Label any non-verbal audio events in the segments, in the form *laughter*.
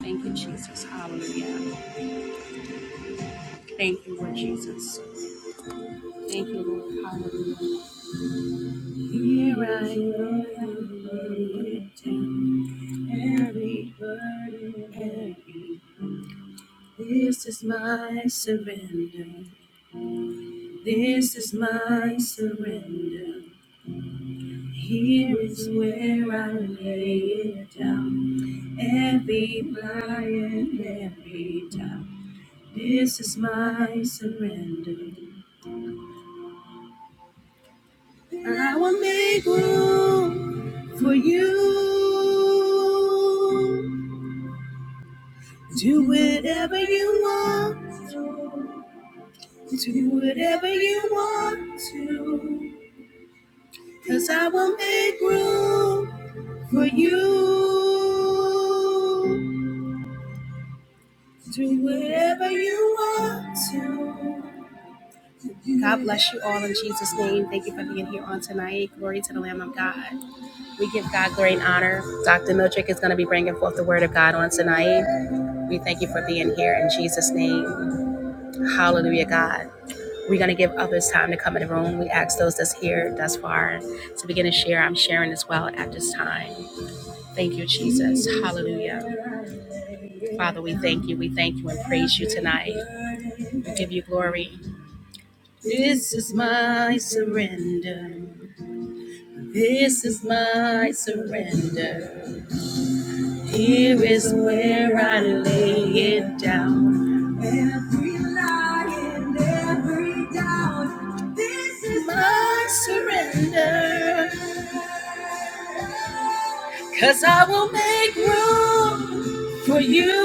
Thank you, Jesus. Hallelujah. Thank you, Lord Jesus. Thank you, Lord. Hallelujah. Here I am, lifting every burden, every. This is my surrender. This is my surrender. Here is where I lay it down. Every burden, every doubt. This is my surrender. I will make room. for you. Do whatever you want. to. Do whatever you want to. Cause I will make room for you. Do whatever you want to. God bless you all in Jesus' name. Thank you for being here on tonight. Glory to the Lamb of God. We give God glory and honor. Dr. Miltrick is going to be bringing forth the word of God on tonight. We thank you for being here in Jesus' name. Hallelujah, God. We're going to give others time to come in the room. We ask those that's here thus far to begin to share. I'm sharing as well at this time. Thank you, Jesus. Hallelujah. Father, we thank you. We thank you and praise you tonight. We give you glory. This is my surrender. This is my surrender. Here is where I lay it down. Every lie and every doubt. This is my surrender. Cause I will make room for you.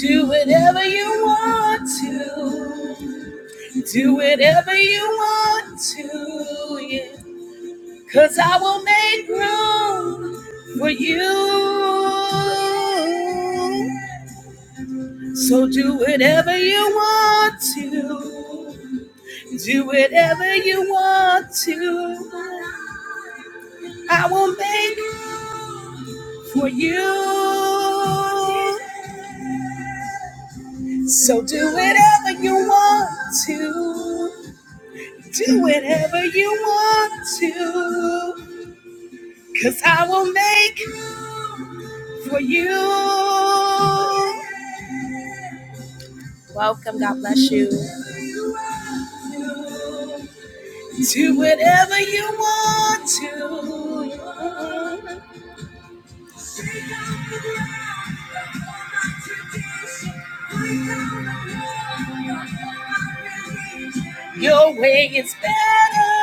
Do whatever you want to. Do whatever you want to. Yeah. Cause I will make room for you. So do whatever you want to. Do whatever you want to. I will make for you. So do whatever you want to. Do whatever you want to. Cause I will make for you. Welcome. God bless you. Do whatever you want to. Your way is better.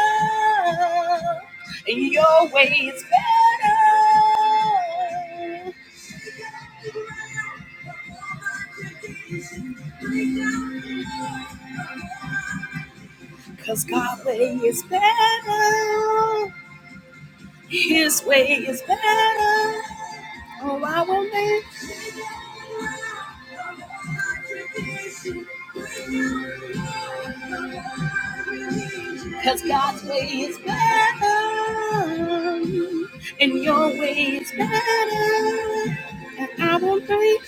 Your way is better. Cause God's way is better. His way is better. Oh, I will make. Cause God's way is better. And your way is better. And I will pray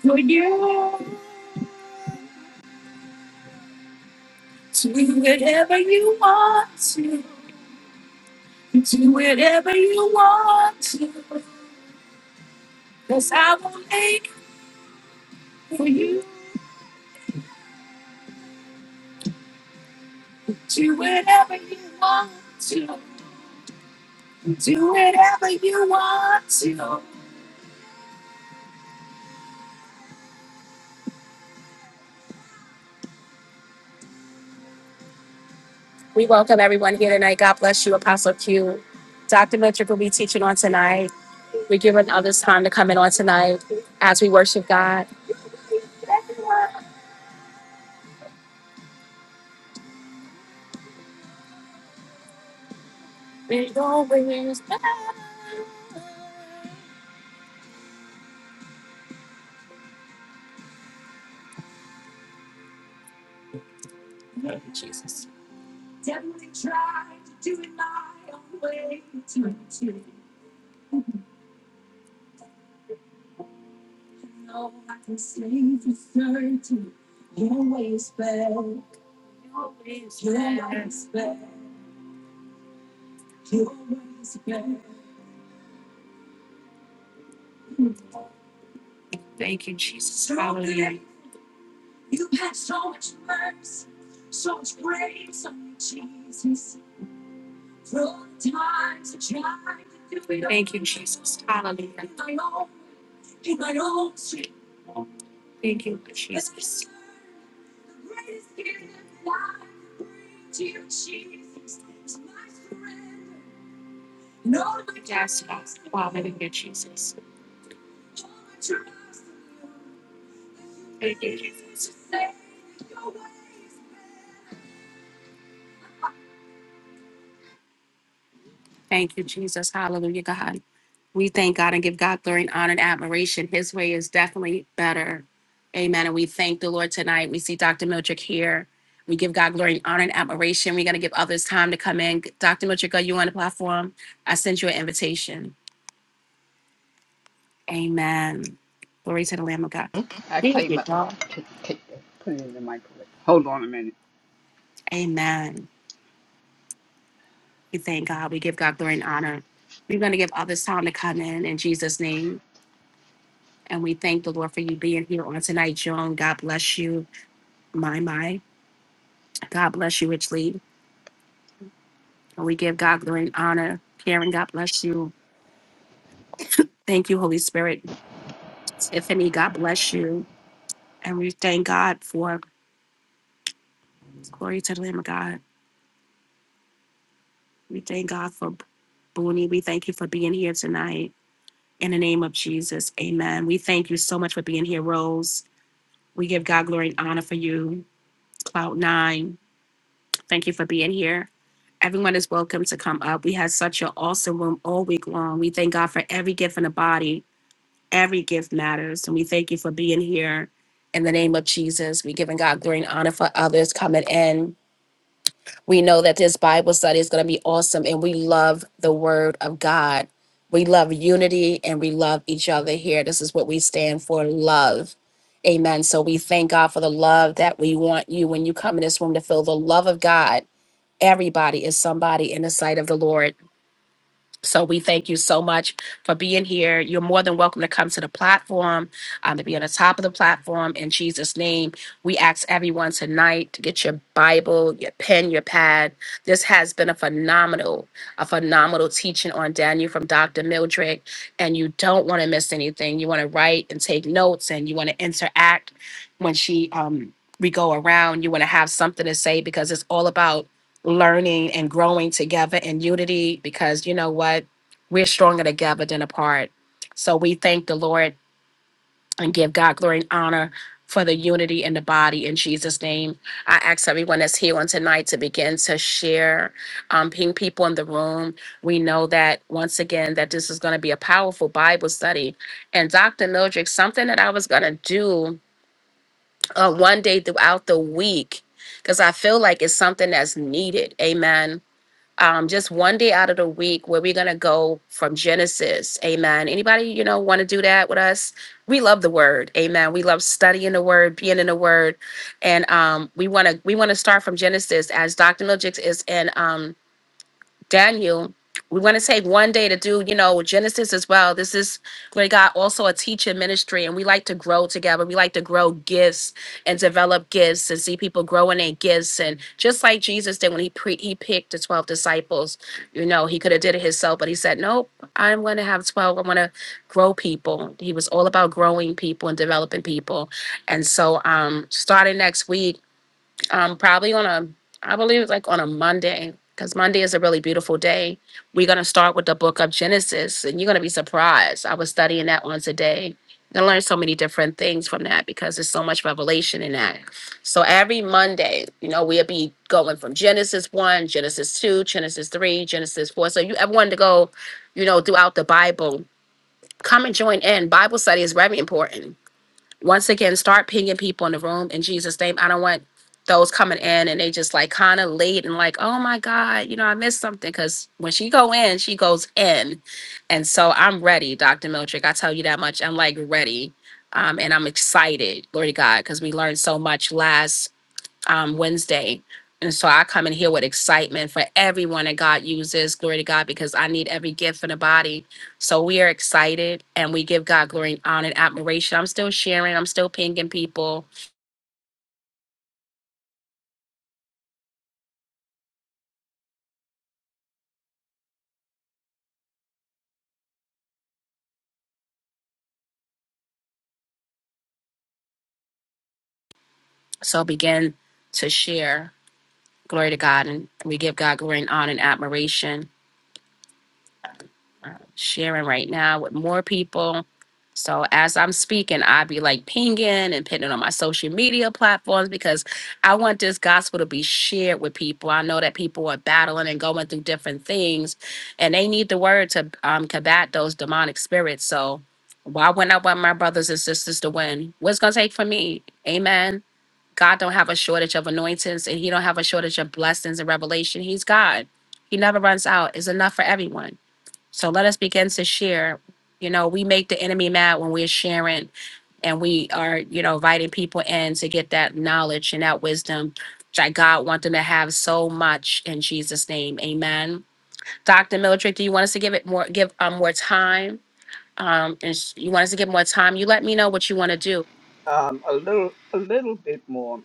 For you. Do whatever you want to. Do whatever you want to. Cause I will make for you. Do whatever you want to. Do whatever you want. We welcome everyone here tonight. God bless you, Apostle Q. Dr. Miltrick will be teaching on tonight. We're giving others time to come in on tonight as we worship God. It always matters. Thank you, Jesus. Thank you, Jesus. Hallelujah. Thank you, Jesus. Thank you, Jesus. Hallelujah, God. We thank God and give God glory and honor and admiration. His way is definitely better. Amen. And we thank the Lord tonight. We see Dr. Mildred here. We give God glory and honor and admiration. We're going to give others time to come in. Dr. Mildred, are you on the platform? I sent you an invitation. Amen. Glory to the Lamb of God. I Thank came you, up God. to take. Hold on a minute. Amen. We thank God. We give God glory and honor. We're going to give others time to come in in Jesus' name. And we thank the Lord for you being here on tonight, Joan. God bless you. My, my. God bless you richly. And we give God glory and honor. Karen, God bless you. Thank you, Holy Spirit. Tiffany, God bless you. And we thank God for glory to the Lamb of God. We thank God for Booney. We thank you for being here tonight. In the name of Jesus, amen. We thank you so much for being here, Rose. We give God glory and honor for you. Cloud Nine, thank you for being here. Everyone is welcome to come up. We had such an awesome room all week long. We thank God for every gift in the body. Every gift matters. And we thank you for being here. In the name of Jesus, we giving God glory and honor for others coming in. We know that this Bible study is going to be awesome, and we love the Word of God. We love unity and we love each other here. This is what we stand for love. Amen. So we thank God for the love that we want you when you come in this room to feel the love of God. Everybody is somebody in the sight of the Lord. So we thank you so much for being here. You're more than welcome to come to the platform, um, to be on the top of the platform. In Jesus' name, we ask everyone tonight to get your Bible, your pen, your pad. This has been a phenomenal, a phenomenal teaching on Daniel from Dr. Mildred, and you don't want to miss anything. You want to write and take notes, and you want to interact when she um, we go around. You want to have something to say because it's all about learning and growing together in unity because you know what? We're stronger together than apart. So we thank the Lord and give God glory and honor for the unity in the body in Jesus' name. I ask everyone that's here on tonight to begin to share, um, ping people in the room. We know that once again that this is going to be a powerful Bible study. And Dr. Mildred, something that I was going to do uh, one day throughout the week, because I feel like it's something that's needed. Amen um, just one day out of the week where we're gonna go from Genesis. Amen. Anybody, you know, want to do that with us? We love the word. Amen. We love studying the word, being in the word. And um, we wanna we wanna start from Genesis as Dr. Nojix is in um Daniel, we want to take one day to do, you know, Genesis as well. This is where God also a teaching ministry, and we like to grow together. We like to grow gifts and develop gifts and see people grow in their gifts. And just like Jesus did when he pre- he picked the twelve disciples, you know, he could have did it himself, but he said, "Nope, I'm going to have twelve. I I'm going to grow people." He was all about growing people and developing people. And so, um, starting next week um, probably on a, I believe it's like on a Monday, because Monday is a really beautiful day. We're going to start with the book of Genesis, and you're going to be surprised. I was studying that one today. I learned so many different things from that because there's so much revelation in that. So every Monday, you know, we'll be going from Genesis 1, Genesis 2, Genesis 3, Genesis 4. So you ever wanted to go, you know, throughout the Bible, come and join in. Bible study is very important once again, start pinging people in the room in Jesus' name. I don't want those coming in and they just like kind of late and like, oh my God, you know, I missed something. Cause when she go in, she goes in. And so I'm ready, Dr. Miltrick. I tell you that much. I'm like ready. Um, and I'm excited, glory to God, because we learned so much last um, Wednesday. And so I come in here with excitement for everyone that God uses. Glory to God, because I need every gift in the body. So we are excited and we give God glory and honor and admiration. I'm still sharing, I'm still pinging people. So begin to share. Glory to God. And we give God glory and honor and admiration. sharing right now with more people. So as I'm speaking, I'd be like pinging and putting it on my social media platforms because I want this gospel to be shared with people. I know that people are battling and going through different things, and they need the word to um, combat those demonic spirits. So why wouldn't I want my brothers and sisters to win? What's gonna take for me? Amen. God don't have a shortage of anointings, and He don't have a shortage of blessings and revelation. He's God. He never runs out. It's enough for everyone. So let us begin to share. You know, we make the enemy mad when we're sharing and we are, you know, inviting people in to get that knowledge and that wisdom that God wants them to have so much in Jesus' name. Amen. Dr. Mildred, do you want us to give it more give um more time? Um, and s- you want us to give more time? You let me know what you want to do. A little, a little bit more.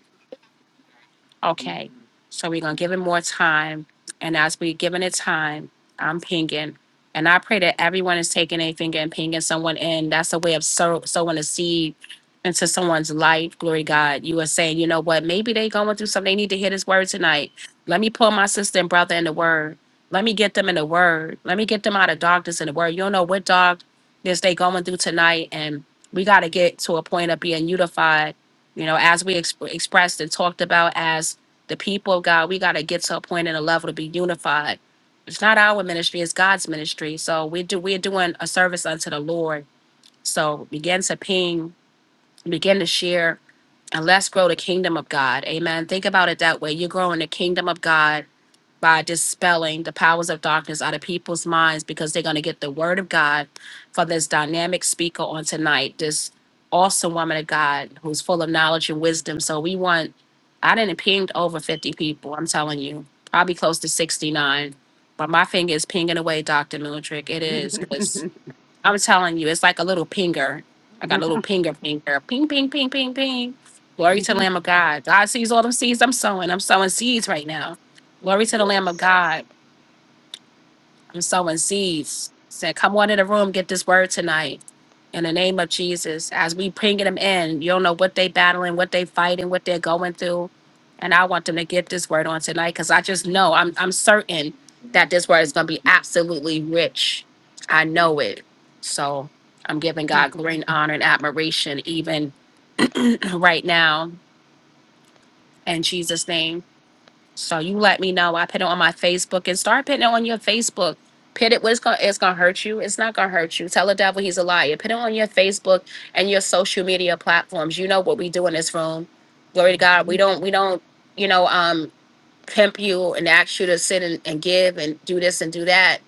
Okay, so we're gonna give it more time, and as we are giving it time, I'm pinging, and I pray that everyone is taking a finger and pinging someone in. That's a way of sow, sowing a seed into someone's life. Glory to God, you are saying, you know what? Maybe they going through something. They need to hear this word tonight. Let me pull my sister and brother in the word. Let me get them in the word. Let me get them out of darkness in the word. You don't know what darkness they going through tonight, and we got to get to a point of being unified you know, as we exp- expressed and talked about as the people of God, we got to get to a point and a level to be unified. It's not our ministry, it's God's ministry. So we do we're doing a service unto the Lord. So begin to ping, begin to share, and let's grow the kingdom of God. Amen. Think about it that way. You're growing the kingdom of God by dispelling the powers of darkness out of people's minds because they're going to get the word of God for this dynamic speaker on tonight, this awesome woman of God who's full of knowledge and wisdom. So we want, I didn't pinged over 50 people, I'm telling you, probably close to 69. But my finger is pinging away, Dr. Mildred. It is because I'm telling you, it's like a little pinger. I got a little pinger, pinger, ping, ping, ping, ping, ping. Glory to the Lamb of God. God sees all the seeds I'm sowing. I'm sowing seeds right now. Glory to the Lamb of Yes. God. I'm sowing seeds. Said, come on in the room, get this word tonight in the name of Jesus, as we bringing them in, you don't know what they battling, what they fighting, what they're going through. And I want them to get this word on tonight because I just know I'm I'm certain that this word is gonna be absolutely rich. I know it. So I'm giving hmm God glory and honor and admiration even *clears throat* right now in Jesus' name. So you let me know. I put it on my Facebook and start putting it on your Facebook. Put it what's gonna it's gonna hurt you. It's not gonna hurt you. Tell the devil he's a liar. Put it on your Facebook and your social media platforms. You know what we do in this room. Glory to God. We don't we don't, you know, um pimp you and ask you to sit and, and give and do this and do that.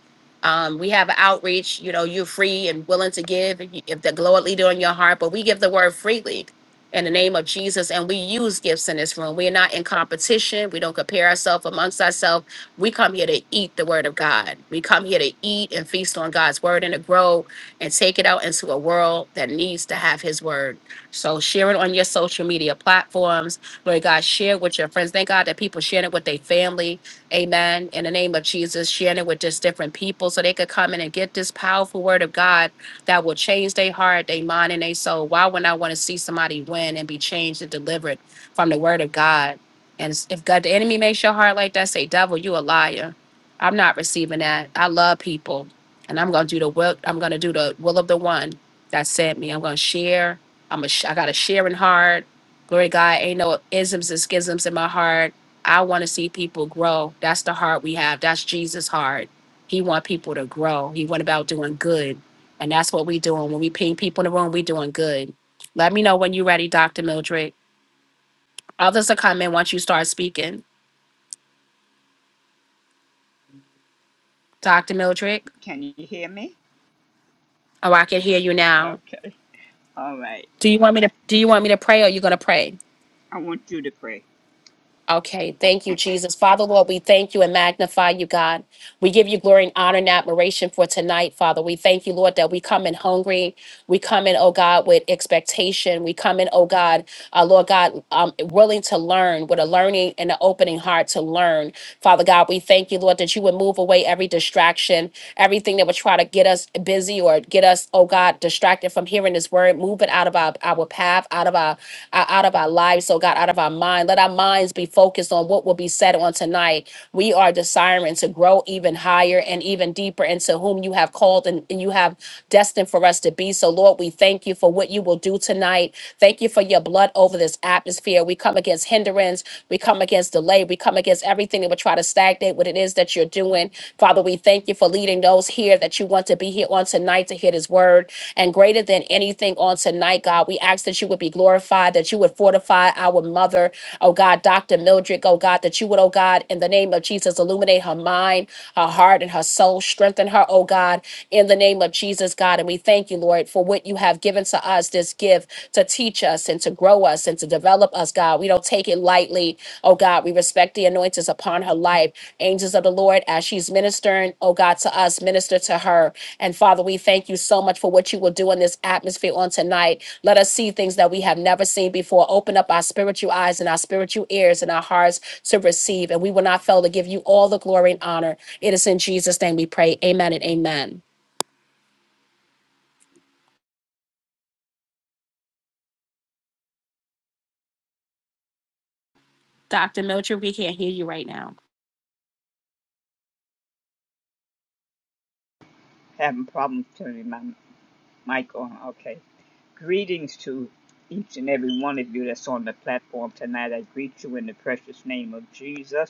Um, we have outreach, you know, you're free and willing to give if, you, if the glow leader on your heart, but we give the word freely in the name of Jesus and we use gifts in this room. We are not in competition. We don't compare ourselves amongst ourselves. We come here to eat the word of God. We come here to eat and feast on God's word and to grow and take it out into a world that needs to have his word. So share it on your social media platforms Lord God, share with your friends. Thank God that people sharing it with their family. Amen. In the name of Jesus, sharing it with just different people so they could come in and get this powerful word of God that will change their heart, their mind, and their soul. Why would I want to see somebody win and be changed and delivered from the word of God? And s- if God, the enemy makes your heart like that, say, devil, you a liar. I'm not receiving that. I love people. And I'm gonna do the will, I'm gonna do the will of the one that sent me. I'm gonna share. I'm a sh- I got a sharing heart. Glory to God, ain't no isms and schisms in my heart. I want to see people grow. That's the heart we have. That's Jesus' heart. He want people to grow. He went about doing good. And that's what we doing. When we ping people in the room, we doing good. Let me know when you're ready, Dr. Mildred. Others will come in once you start speaking. Dr. Mildred. Can you hear me? Oh, I can hear you now. Okay. All right. Do you want me to do you want me to pray or you gonna pray? I want you to pray. Okay, thank you, Jesus. Father, Lord, we thank you and magnify you, God. We give you glory and honor and admiration for tonight, Father. We thank you, Lord, that we come in hungry. We come in, oh God, with expectation. We come in, oh God, uh, Lord God, um, willing to learn with a learning and an opening heart to learn. Father God, we thank you, Lord, that you would move away every distraction, everything that would try to get us busy or get us, oh God, distracted from hearing this word. Move it out of our, our path, out of our uh, out of our lives, so God, out of our mind. Let our minds be focused on what will be said on tonight. We are desiring to grow even higher and even deeper into whom you have called and, and you have destined for us to be. So, Lord, we thank you for what you will do tonight. Thank you for your blood over this atmosphere. We come against hindrance. We come against delay. We come against everything that would try to stagnate what it is that you're doing. Father, we thank you for leading those here that you want to be here on tonight to hear this word. And greater than anything on tonight, God, we ask that you would be glorified, that you would fortify our mother, oh God, Dr. Mildred, oh God, that you would, oh God, in the name of Jesus, illuminate her mind, her heart, and her soul. Strengthen her, oh God, in the name of Jesus, God. And we thank you, Lord, for what you have given to us, this gift to teach us and to grow us and to develop us, God. We don't take it lightly, oh God. We respect the anointings upon her life. Angels of the Lord, as she's ministering, oh God, to us, minister to her and Father, we thank you so much for what you will do in this atmosphere on tonight. Let us see things that we have never seen before. Open up our spiritual eyes and our spiritual ears and our hearts to receive. And we will not fail to give you all the glory and honor. It is in Jesus' name we pray. Amen and amen. Dr. Mildred, we can't hear you right now. Having problems turning my Michael, huh? okay. Greetings to each and every one of you that's on the platform tonight. I greet you in the precious name of Jesus.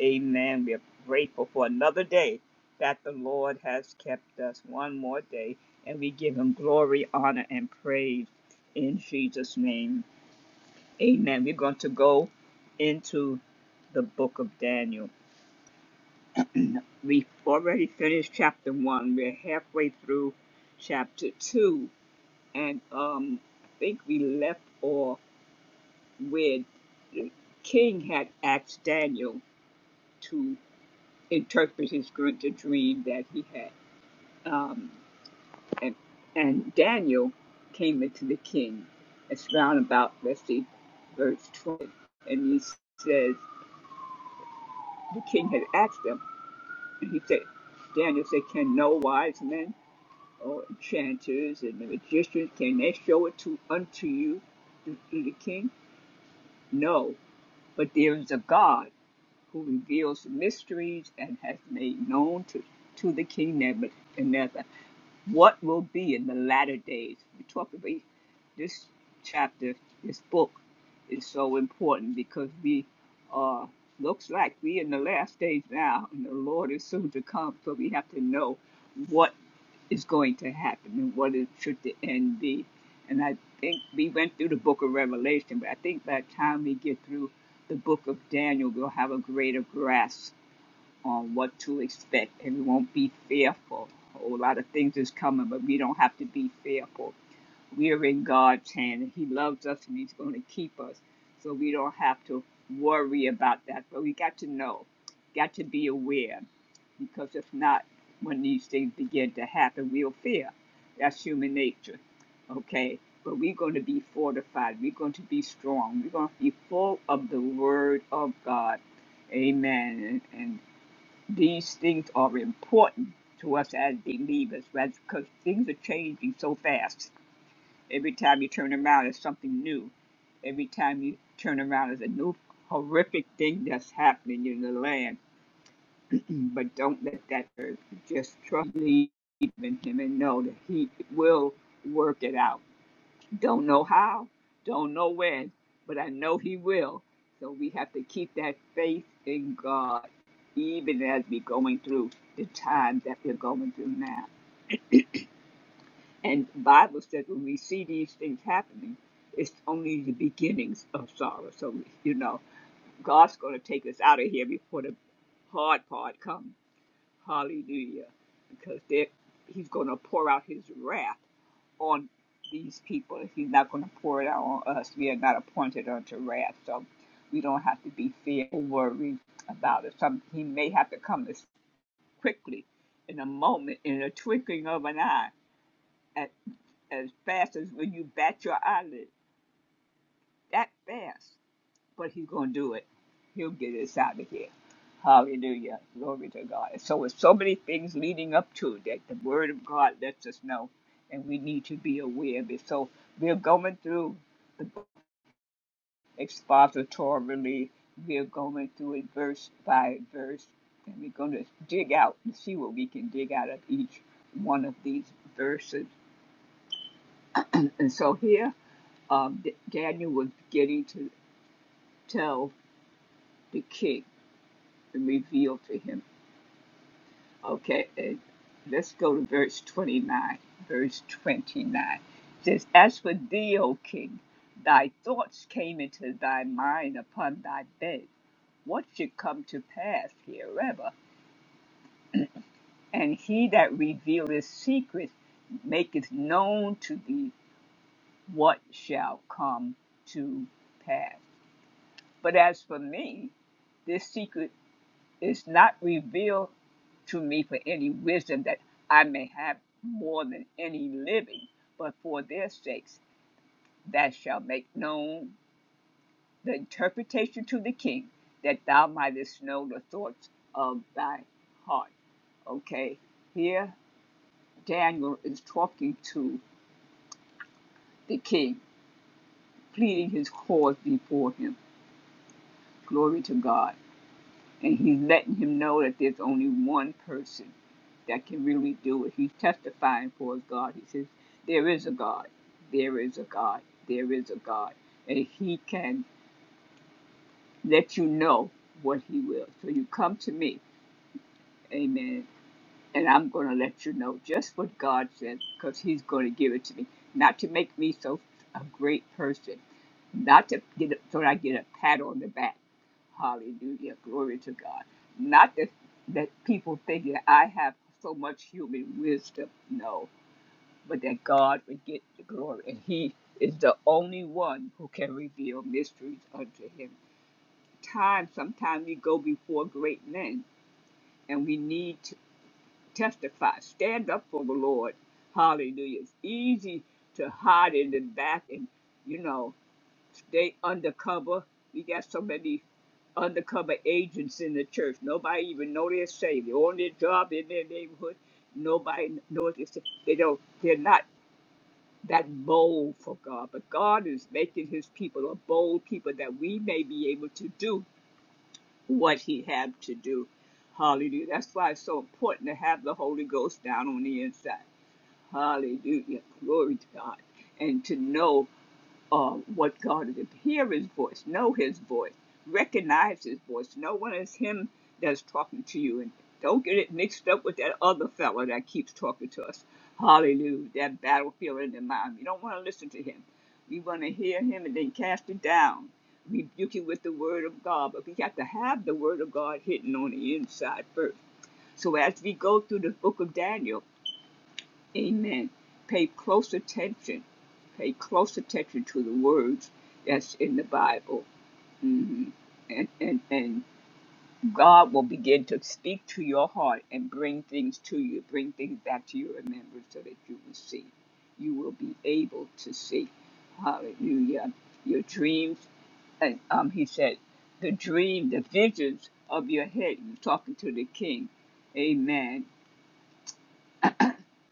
Amen. We are grateful for another day that the Lord has kept us one more day, and we give him glory, honor, and praise in Jesus' name. Amen. We're going to go into the book of Daniel. We've already finished chapter one, we're halfway through chapter two and um, I think we left off with the king had asked Daniel to interpret his gr- the dream that he had, um, and and Daniel came into the king. It's round about let's see, verse twenty, and he says the king had asked him, and he said, Daniel said, "Can no wise men or enchanters and magicians can they show it to unto you, the, to the king? No, But there is a God who reveals the mysteries and has made known to, to the king Nebuchadnezzar what will be in the latter days. We talk about this chapter, this book is so important because we are looks like we in the last days now, and the Lord is soon to come. So we have to know what is going to happen and what is, should the end be. And I think we went through the book of Revelation, but I think by the time we get through the book of Daniel, we'll have a greater grasp on what to expect and we won't be fearful. A whole lot of things is coming, but we don't have to be fearful. We are in God's hand He loves us and He's going to keep us. So we don't have to worry about that. But we got to know, got to be aware, because if not, when these things begin to happen, we'll fear. That's human nature. Okay? But we're going to be fortified. We're going to be strong. We're going to be full of the Word of God. Amen. And and these things are important to us as believers right? because things are changing so fast. Every time you turn around, it's something new. Every time you turn around, there's a new horrific thing that's happening in the land. *clears throat* but don't let that hurt. Just trust, believe in Him, and know that He will work it out. Don't know how, don't know when, but I know He will. So we have to keep that faith in God, even as we're going through the times that we're going through now. And the Bible says when we see these things happening, it's only the beginnings of sorrow. So, you know, God's going to take us out of here before the hard part comes. Hallelujah. Because there, He's going to pour out His wrath on these people. He's not going to pour it out on us. We are not appointed unto wrath, so we don't have to be fearful, worried about it. Some he may have to come as quickly, in a moment, in a twinkling of an eye, at, as fast as when you bat your eyelid, that fast but he's going to do it. He'll get us out of here. Hallelujah. Glory to God. So with so many things leading up to that the word of God lets us know and we need to be aware of it. So we're going through the expository. We're going through it verse by verse. And we're going to dig out and see what we can dig out of each one of these verses. And so here, um, Daniel was getting to tell the king and reveal to him Okay, uh, let's go to verse 29. Verse 29 says, As for thee, O king, thy thoughts came into thy mind upon thy bed. What should come to pass herever? And he that revealeth secrets maketh known to thee what shall come to pass. But as for me, this secret Is not revealed to me for any wisdom that I may have more than any living, but for their sakes that shall make known the interpretation to the king, that thou mightest know the thoughts of thy heart. Okay, here Daniel is talking to the king, pleading his cause before him. Glory to God. and he's letting him know that there's only one person that can really do it. He's testifying for his God. He says, There is a God, there is a God, there is a God. And he can let you know what he will. So you come to me, amen and I'm going to let you know just what God said because He's going to give it to me. Not to make me so a great person, not to get a, so that I get a pat on the back. Hallelujah, glory to God. Not that that people think that I have so much human wisdom, no, but that God would get the glory, and He is the only one who can reveal mysteries unto Him. Time, sometimes we go before great men, and we need to testify, stand up for the Lord. Hallelujah. It's easy to hide in the back and, you know, stay undercover. We got so many undercover agents in the church. Nobody even know they're saved. They're on their job in their neighborhood. Nobody knows they're saved. They don't, they're not that bold for God. But God is making his people a bold people that we may be able to do what he had to do. Hallelujah. That's why it's so important to have the Holy Ghost down on the inside. Hallelujah. Glory to God. And to know um, what God is. Hear his voice, know his voice, recognize his voice. No one is him that's talking to you. And don't get it mixed up with that other fella that keeps talking to us. Hallelujah. That battlefield in the mind. You don't want to listen to him. We want to hear him and then cast it down. Rebuke it with the word of God. But we have to have the word of God hidden on the inside first. So as we go through the book of Daniel, Amen. Pay close attention. Pay close attention to the words that's in the Bible. hmm And, and, and God will begin to speak to your heart and bring things to you, bring things back to your remembrance so that you will see. You will be able to see. Hallelujah. Your dreams, and um, he said, the dream, the visions of your head. He was talking to the king. Amen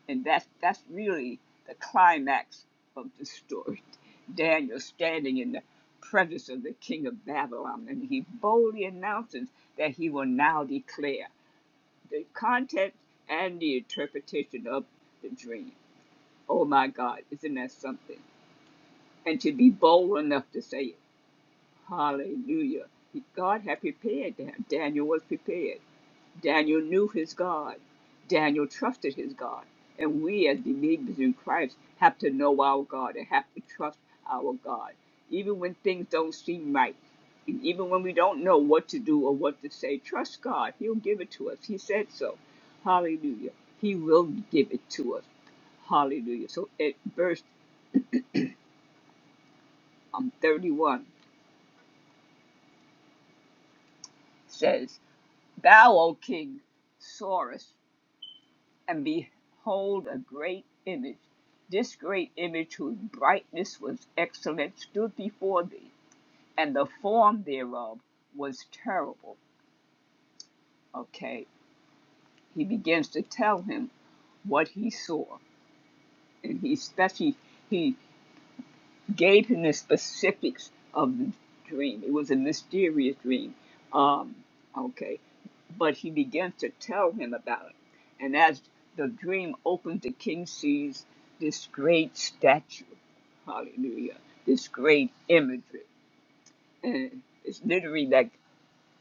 and that's that's really the climax of the story. *laughs* Daniel standing in the presence of the king of Babylon, and he boldly announces that he will now declare the content and the interpretation of the dream. Oh my God, isn't that something? And to be bold enough to say, Hallelujah. God had prepared Dan- Daniel was prepared. Daniel knew his God. Daniel trusted his God. And we, as believers in Christ, have to know our God and have to trust our God. Even when things don't seem right, and even when we don't know what to do or what to say, trust God. He'll give it to us. He said so. Hallelujah. He will give it to us. Hallelujah. So at verse um, 31 says, Thou, O king, soarest and behold a great image. This great image, whose brightness was excellent, stood before thee, and the form thereof was terrible. Okay, he begins to tell him what he saw, and he especially he gave him the specifics of the dream. It was a mysterious dream. Um, okay. But he begins to tell him about it. And as the dream opens, the king sees this great statue. Hallelujah. This great imagery. And it's literally like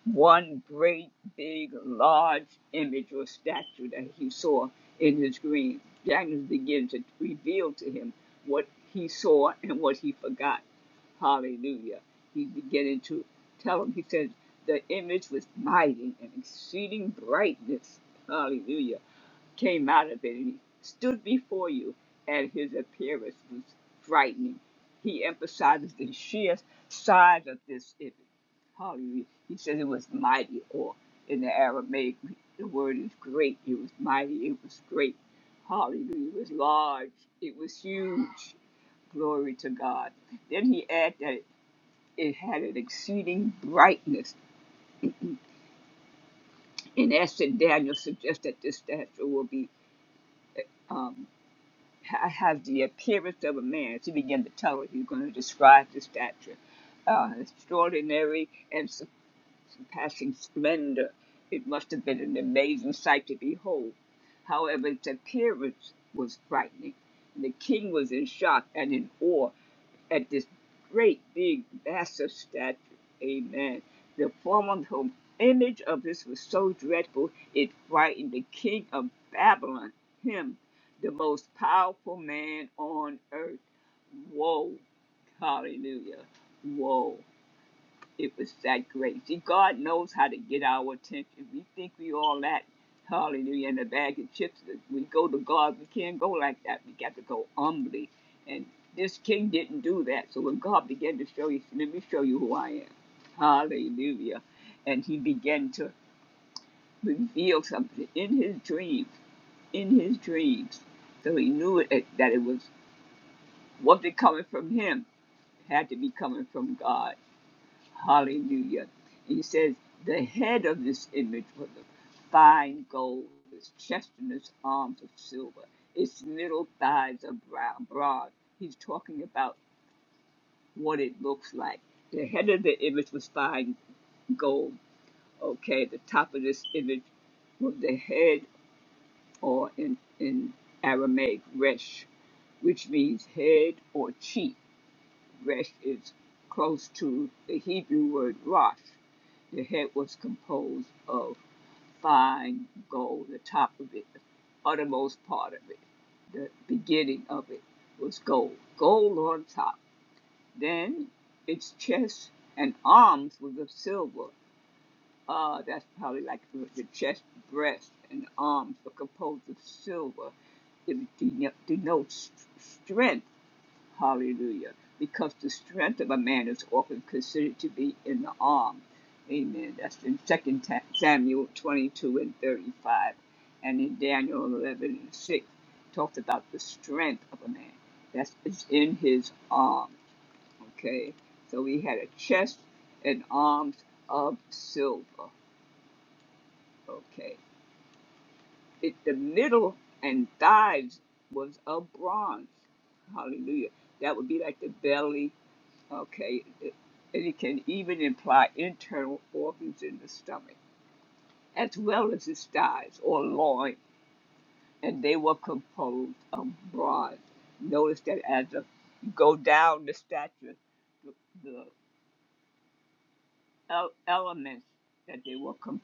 one great big large image or statue that he saw in his dream. Daniel began to reveal to him what he saw and what he forgot. Hallelujah. He's beginning to tell him, he says, the image was mighty and exceeding brightness. Hallelujah came out of it and he stood before you, and his appearance was frightening. He emphasizes the sheer size of this image. Hallelujah. He says it was mighty, or in the Aramaic, the word is great. It was mighty, it was great. Hallelujah. It was large, it was huge. Glory to God. Then he adds that it had an exceeding brightness. In essence, Daniel suggests that this statue will be um, I have the appearance of a man. She began to tell her he was going to describe the stature. Uh, extraordinary and surpassing splendor. It must have been an amazing sight to behold. However, its appearance was frightening. The king was in shock and in awe at this great big massive statue. Amen. The form of the image of this was so dreadful it frightened the king of Babylon, him, the most powerful man on earth. Woe, hallelujah, woe. It was that great. See, God knows how to get our attention. We think we all that, hallelujah, in a bag of chips. We go to God. We can't go like that. We got to go humbly. And this king didn't do that. So when God began to show you, let me show you who I am. Hallelujah. And he began to reveal something in his dreams, in his dreams. So he knew it, that it was wasn't coming from him, It had to be coming from God Hallelujah. He says, the head of this image was of fine gold, his chest and his arms of silver, its middle thighs are brown, broad. He's talking about what it looks like. The head of the image was fine gold. Okay, the top of this image was the head, or in, in Aramaic, resh, which means head or cheek rest is close to the Hebrew word rosh. The head was composed of fine gold, the top of it, the uttermost part of it, the beginning of it was gold, gold on top. Then its chest and arms was of silver. Uh, that's probably like the chest, breast, and arms were composed of silver. It denotes strength Hallelujah. Because the strength of a man is often considered to be in the arm. Amen. That's in Second Samuel 22 and 35. And in Daniel 11 and 6, talks about the strength of a man. That's it's in his arm. Okay. So he had a chest and arms of silver. Okay. It, the middle and thighs was of bronze. Hallelujah. That would be like the belly Okay, and it can even imply internal organs in the stomach, as well as its thighs or loin, and they were composed of bronze. Notice that as a, you go down the statue, the, the el- elements that they were composed.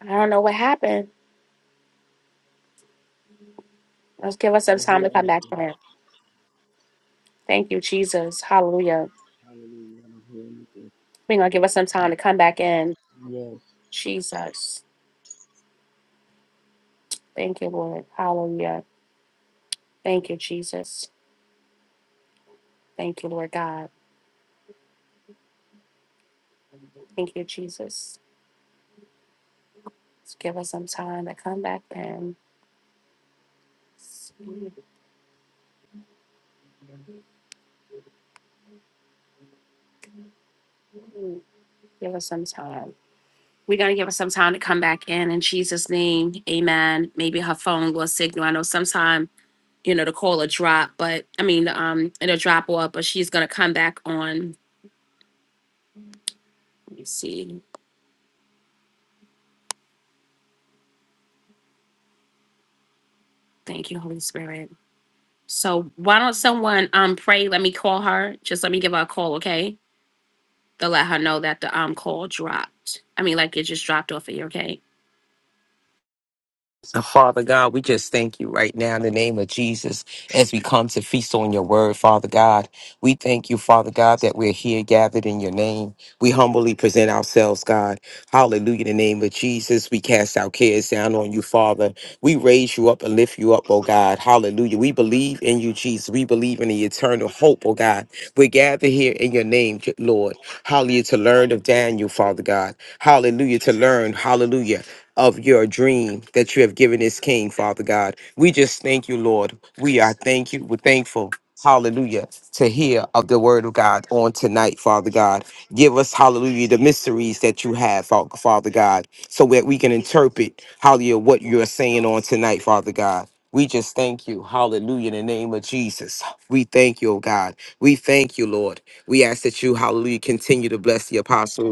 I don't know what happened. Let's give us I some don't time hear to come back anything. in. Thank you, Jesus. Hallelujah. Hallelujah. I don't hear anything. We're going to give us some time to come back in. Yes. Jesus. Thank you, Lord. Hallelujah. Thank you, Jesus. Thank you, Lord God. Thank you, Jesus. Just give us some time to come back in. Give us some time. We're going to give us some time to come back in in Jesus' name. Amen. Maybe her phone will signal. I know sometime, you know, the call will drop, but I mean, um, it'll drop off, but she's going to come back on. Let me see. Thank you, Holy Spirit. So why don't someone um pray? Let me call her. Just let me give her a call, okay? To let her know that the um call dropped. I mean, like it just dropped off of you, okay? So, Father God, we just thank you right now in the name of Jesus as we come to feast on your word, Father God. We thank you, Father God, that we're here gathered in your name. We humbly present ourselves, God. Hallelujah. In the name of Jesus, we cast our cares down on you, Father. We raise you up and lift you up, oh God. Hallelujah. We believe in you, Jesus. We believe in the eternal hope, oh God. We gather here in your name, Lord. Hallelujah. To learn of Daniel, Father God. Hallelujah. To learn, hallelujah of your dream that you have given this king, Father God. We just thank you, Lord. We are thank you. We're thankful. Hallelujah. To hear of the word of God on tonight, Father God. Give us, hallelujah, the mysteries that you have, Fa- Father God, so that we can interpret, hallelujah, what you're saying on tonight, Father God. We just thank you. Hallelujah. In the name of Jesus. We thank you, oh God. We thank you, Lord. We ask that you, hallelujah, continue to bless the apostles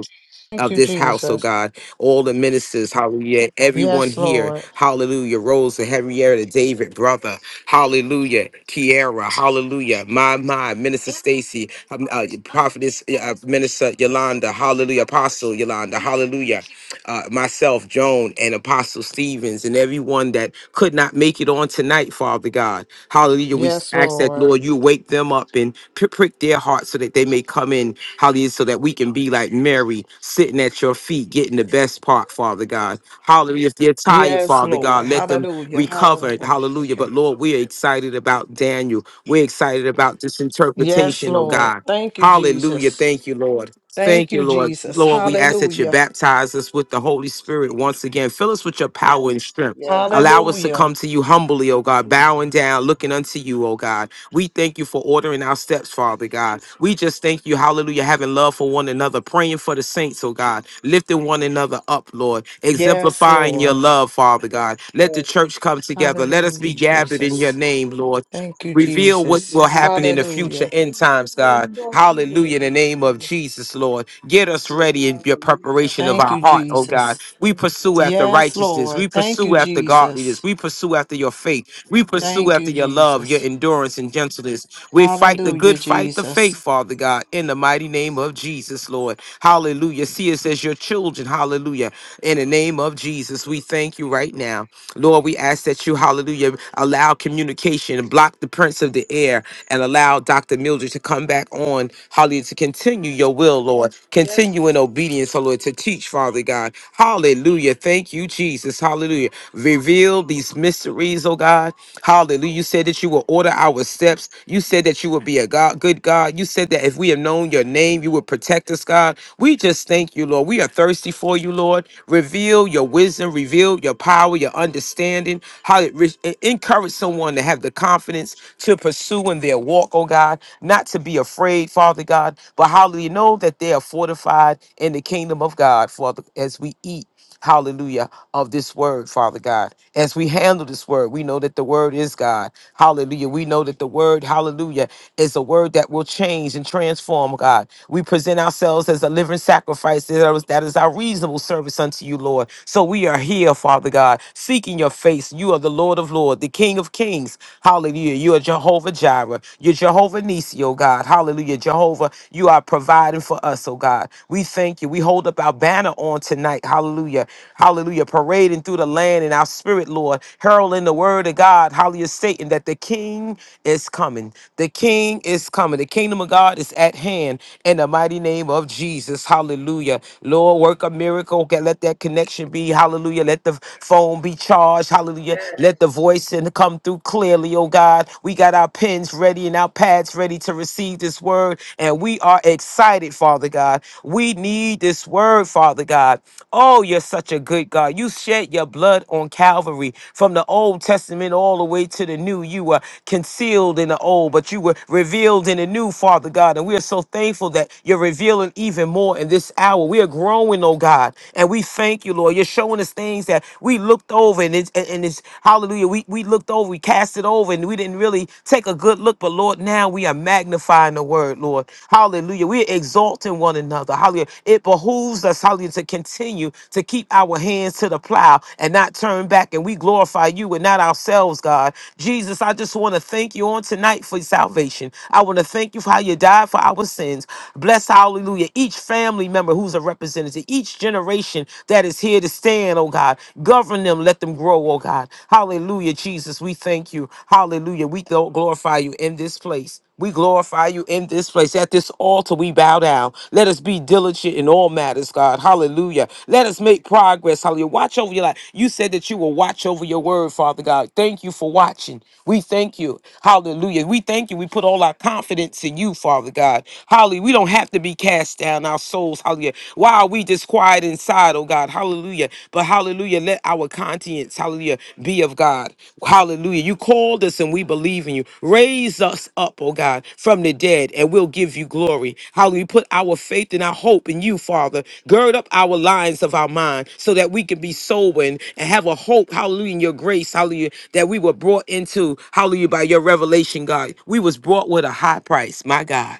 Thank of you, this house, oh Jesus. God, all the ministers, hallelujah, everyone Yes, here, Lord. hallelujah, Rosa, Henrietta, David, brother, hallelujah, Kiara, hallelujah, my, my, Minister Stacy, um, uh, Prophetess, uh, uh, Minister Yolanda, hallelujah, Apostle Yolanda, hallelujah, uh, myself, Joan, and Apostle Stevens, and everyone that could not make it on tonight, Father God, hallelujah, we Yes, ask that, Lord. Lord, you wake them up and pri- prick their hearts so that they may come in Hallelujah. So that we can be like Mary, sitting at your feet, getting the best part, Father God. Hallelujah. If they're tired, Yes, Father Lord. God, let them Hallelujah. recover. Hallelujah. But Hallelujah. Lord, we're excited about Daniel. We're excited about this Yes, interpretation, oh Lord. God. Thank you, Hallelujah. Jesus. Thank you, Lord. Thank Thank you, you, Lord. Jesus. Lord, we ask that you Hallelujah. baptize us with the Holy Spirit once again. Fill us with your power and strength. Yes. Allow us to come Hallelujah. to you humbly, O God, bowing down, looking unto you, O God. We thank you for ordering our steps, Father God. We just thank you, hallelujah, having love for one another, praying for the saints, oh God, lifting one another up, Lord, Yes, exemplifying your Lord. love, Father God. Let the Yes. church come together. Let us Hallelujah, be gathered in your Jesus. name, Lord. Thank you, Reveal what Jesus. will happen in the future Hallelujah. end times, And God. thank you, Lord. Hallelujah. In the name of Hallelujah. Jesus, Lord. Get us ready in your Hallelujah. preparation of Thank our you, heart, oh Jesus. God. We pursue Yes, after Yes, Lord. righteousness. We Lord. Thank pursue you, after godliness. Jesus. We pursue after your faith. We Amen. pursue Thank after you, your love, your Jesus. endurance, and gentleness. We fight the good Hallelujah, fight, the faith, Jesus. Father God, in the mighty name of Jesus, Lord. Hallelujah. See us as your children. Hallelujah. In the name of Jesus, we thank you right now. Lord, we ask that you, hallelujah, allow communication and block the prince of the air and allow Dr. Mildred to come back on, hallelujah, to continue your will, Lord. Yes, Continue in Lord. obedience, oh Lord, to teach, Father God. Hallelujah. Thank you, Jesus. Hallelujah. Reveal these mysteries, oh God. Hallelujah. You said that you will order our steps. You you said that you would be a God, good God. You said that if we have known your name, you would protect us, God. We just thank you, Lord. We are thirsty for you, Lord. Reveal your wisdom, reveal your power, your understanding, how it re- encourage someone to have the confidence to pursue in their walk, oh God, not to be afraid, Father God, but how do you know that they are fortified in the kingdom of God, Father, as we eat. Hallelujah. Of this word, Father God. As we handle this word, we know that the word is God. Hallelujah. We know that the word, hallelujah, is a word that will change and transform, God. We present ourselves as a living sacrifice. That is that is our reasonable service unto you, Lord. So we are here, Father God, seeking your face. You are the Lord of Lords, the King of Kings. Hallelujah. You are Jehovah Jireh. You're Jehovah Nisi, oh God. Hallelujah. Jehovah, you are providing for us, oh God. God. We thank you. We hold up our banner on tonight. Hallelujah. Hallelujah. Parading through the land in our spirit, Lord. Heralding the word of God. Hallelujah. Satan that the king is coming. The king is coming. The kingdom of God is at hand in the mighty name of Jesus. Hallelujah. Lord, work a miracle. Okay, let that connection be. Hallelujah. Let the phone be charged. Hallelujah. Yes. Let the voice and come through clearly, oh God. We got our pens ready and our pads ready ready to receive this word, and we are excited, Father God. We need this word, Father God. Oh, you're such a good God. You shed your blood on Calvary from the Old Testament all the way to the New. You were concealed in the old, but you were revealed in the new, Father God. And we are so thankful that you're revealing even more in this hour. We are growing, oh God, and we thank you, Lord. You're showing us things that we looked over, and it's, and and it's hallelujah. We, we looked over we cast it over and we didn't really take a good look. But Lord, now we are magnifying the word, Lord. Hallelujah. We're exalting one another. Hallelujah. It behooves us, hallelujah, to continue to keep our hands to the plow and not turn back. And we glorify you and not ourselves, God. Jesus, I just want to thank you on tonight for salvation. I want to thank you for how you died for our sins. Bless, hallelujah, each family member who's a representative, each generation that is here to stand, oh God. Govern them. Let them grow, oh God. Hallelujah, Jesus. We thank you. Hallelujah. We gl- glorify you in this place. We glorify you in this place. At this altar, we bow down. Let us be diligent in all matters, God. Hallelujah. Let us make progress. Hallelujah. Watch over your life. You said that you will watch over your word, Father God. Thank you for watching. We thank you. Hallelujah. We thank you. We put all our confidence in you, Father God. Hallelujah. We don't have to be cast down our souls. Hallelujah. Why are we disquiet inside, oh God? Hallelujah. But hallelujah, let our conscience, hallelujah, be of God. Hallelujah. You called us and we believe in you. Raise us up, oh God, from the dead and we'll give you glory. Hallelujah. Put our faith and our hope in you, Father. Gird up our lines of our mind so that we can be sober and, and have a hope, hallelujah, in your grace, hallelujah, that we were brought into, hallelujah, by your revelation, God. We was brought with a high price, my God.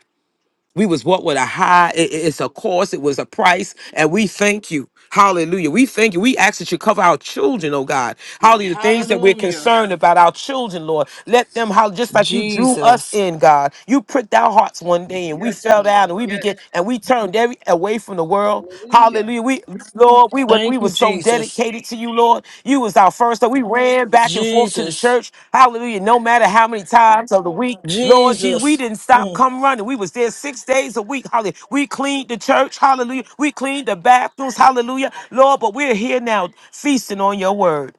We was what with a high. it- it- it's a cost. It was a price, and we thank you. Hallelujah. We thank you. We ask that you cover our children, oh God. Yeah, Hallelujah. The things that we're Hallelujah. concerned about our children, Lord. Let them how just like you drew Jesus. us in, God. You pricked our hearts one day and we Yes, fell Lord. down and we Yes. began and we turned every away from the world. Hallelujah. Hallelujah. Hallelujah. We Lord, we were Thank we were you, so Jesus. dedicated to you, Lord. You was our first love. We ran back and forth to the Jesus. church. Hallelujah. No matter how many times of the week, Lord Jesus, we Jesus. didn't stop Mm. come running. We was there six days a week. Hallelujah. We cleaned the church. Hallelujah. We cleaned the bathrooms. Hallelujah. Lord, but we're here now feasting on your word.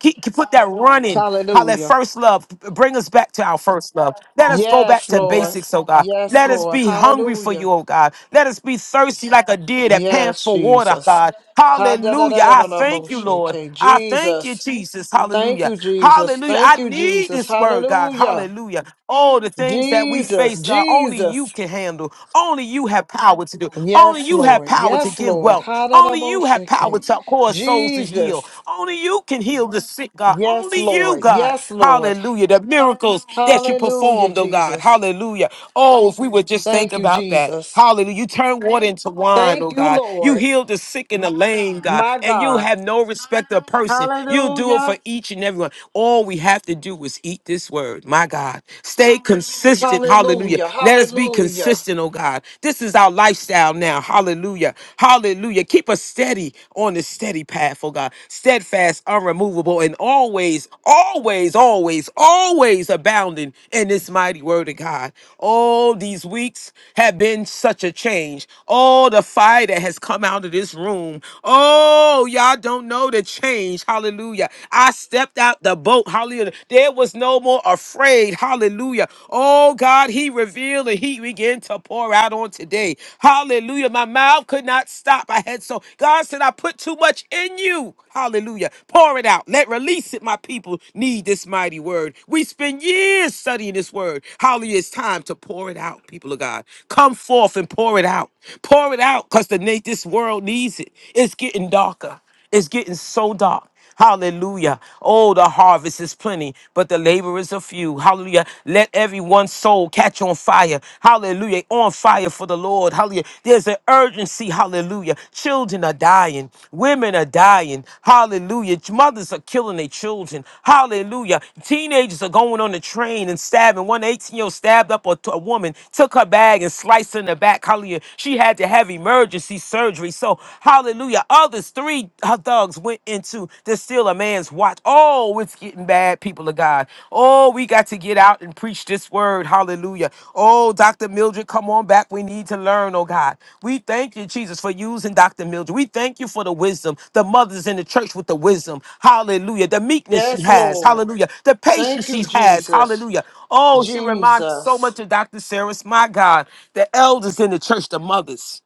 Keep, keep- put that running. How that Hallelujah. first love bring us back to our first love. Let us go back Yes, to Lord. basics, oh God. Yes, Let us Lord. be hungry for you, Hallelujah. oh God. Let us be thirsty like a deer that pants Yes, for water, Jesus. God. Hallelujah. I thank you, Lord. Ha-da-da-da-da-da-da-bo-shake. I thank you, Jesus. Jesus. Thank Hallelujah. you, Jesus. Hallelujah. I Thank you, need Jesus. this word, God. Hallelujah. Hallelujah. All the things that we Jesus. face, God, only you Jesus. can handle. Only you have power to do. Only Yes, you have Lord. power to Yes, give Lord. wealth. Only you you have power Ha-da-da-bo-shake. to cause souls to yield. Jesus. Only you can heal the sick, God. Yes, Only you, Lord. God. Yes, Lord. Hallelujah. The miracles that you Hallelujah, performed, oh God. Jesus. Hallelujah. Oh, if we would just think Thank you, about that. Jesus. Hallelujah. You turned water into wine, Thank oh you, God. You Lord. healed the sick and the lame, God. My And you God. have no respect of person. You'll do it for Hallelujah. each and everyone. All we have to do is eat this word, my God. Stay consistent. Hallelujah. Hallelujah. Let us be Hallelujah. consistent, oh God. This is is our lifestyle now. Hallelujah. Hallelujah. Keep us steady on this steady path, oh God. Steadfast, unremovable, and always, always, always, always abounding in this mighty word of God. All these weeks have been such a change. All the fire that has come out of this room. Oh, y'all don't know the change. Hallelujah. I stepped out the boat. Hallelujah. There was no more afraid. Hallelujah. Oh God, He revealed and He began to pour out on today. Hallelujah. My mouth could not stop. I had so God said, I put too much in you. Hallelujah. Pour it out. Let release it. My people need this mighty word. We spend years studying this word. Hallelujah. It's time to pour it out, people of God. Come forth and pour it out. Pour it out because the na- this world needs it. It's getting darker. It's getting so dark. Hallelujah. Oh, the harvest is plenty, but the laborers are few. Hallelujah. Let everyone's soul catch on fire. Hallelujah. On fire for the Lord. Hallelujah. There's an urgency. Hallelujah. Children are dying. Women are dying. Hallelujah. Mothers are killing their children. Hallelujah. Teenagers are going on the train and stabbing. One 18 year old stabbed up a, a woman, took her bag and sliced her in the back. Hallelujah. She had to have emergency surgery. So, Hallelujah. Others, three uh, thugs went into to steal a man's watch. Oh, it's getting bad, people of God. Oh, we got to get out and preach this word. Hallelujah. Oh, Dr. Mildred, come on back. We need to learn, oh God. We thank you, Jesus, for using Dr. Mildred. We thank you for the wisdom, the mothers in the church with the wisdom. Hallelujah. The meekness she Yes, has. Lord. Hallelujah. The Thank patience you, she has. Jesus. Hallelujah. Oh, she reminds me so Jesus. much of Dr. Sarah's, my God. The elders in the church, the mothers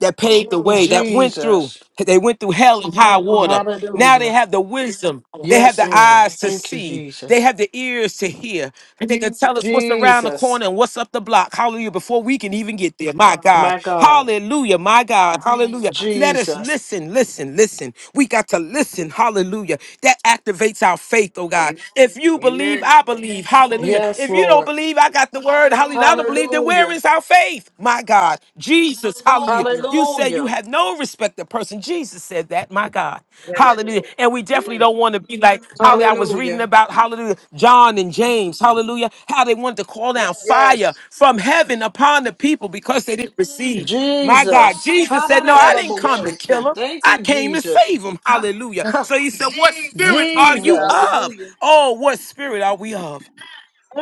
that paved the way, that went through. Jesus. They went through hell and high water. Now they Hallelujah. have the wisdom. They have Yes, the Lord. eyes to Thank you, see. They Jesus. have the ears to hear. And they can tell us what's around the Jesus. corner and what's up the block. Hallelujah. Before we can even get there. My God. My God. Hallelujah. My God. Hallelujah. Let us Jesus. listen, listen, listen. We got to listen. Hallelujah. That activates our faith, oh God. If you believe, Amen. I believe. Hallelujah. Yes, If you don't Lord. believe, I got the word. Hallelujah. I don't believe then where Hallelujah. is our faith? My God. Jesus, hallelujah. You said you Hallelujah. have no respect to person. Jesus said that, my God. Yes, Hallelujah. Lord. And we definitely Mm. don't want to be like, hallelujah. I was reading Hallelujah. about, hallelujah, John and James, hallelujah, how they wanted to call down Yes. fire from heaven upon the people because they didn't receive. My God. Jesus. Jesus said, no, I Yes. didn't come to Yes. kill Ha-da-da-da-da-bo-shake. them. Thank I you, came to Jesus. *laughs* save them. Hallelujah. Ha, So he said, What spirit are And you Jesus. of? hallelujah. Oh, what spirit are we of?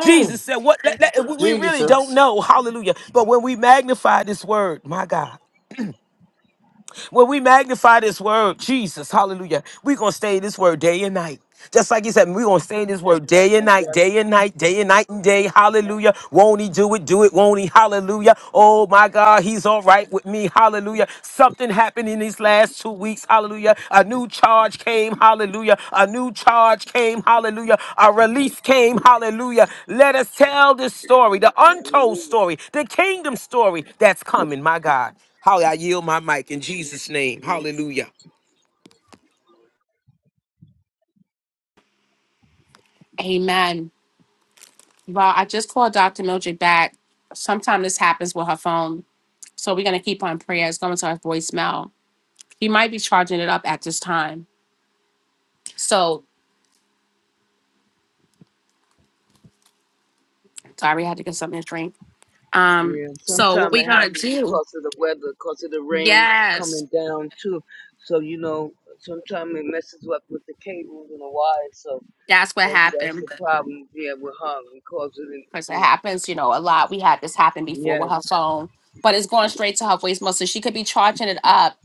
Jesus said, "What? let- let- we we really don't Jesus. know." Hallelujah! But when we magnify this word, my God, when we magnify this word, Jesus, hallelujah, we're going to stay in this word day and night. Just like he said, we're going to stay in this word day and That's night, right. day and night, day and night and day. Hallelujah. Amen. Won't he do it? Do it. Won't he? Hallelujah. Oh my God, he's all right with me. Hallelujah. Something happened in these last two weeks. Hallelujah. A new charge came. Hallelujah. A new charge came. Hallelujah. A release came. Hallelujah. Let us tell this story, the And untold hallelujah. story, the kingdom story that's coming, my God. Holly, I yield my mic in Jesus' name. Amen. Hallelujah. Amen. Well, I just called Dr. Mildred back. Sometimes this happens with her phone. So we're going to keep on prayers going to her voicemail. He might be charging it up at this time. So sorry, I had to get something to drink. Um, Yeah, so what sometimes we it going to happens do? because of the weather, because of the rain Yes, coming down too. So you know, sometimes it messes up with the cables and the wires. So that's what maybe that's happened. the problem. Yeah, with her because of the, because it you know. happens, you know, a lot. We had this happen before with her Yes, phone, but it's going straight to her voicemail, so she could be charging it up.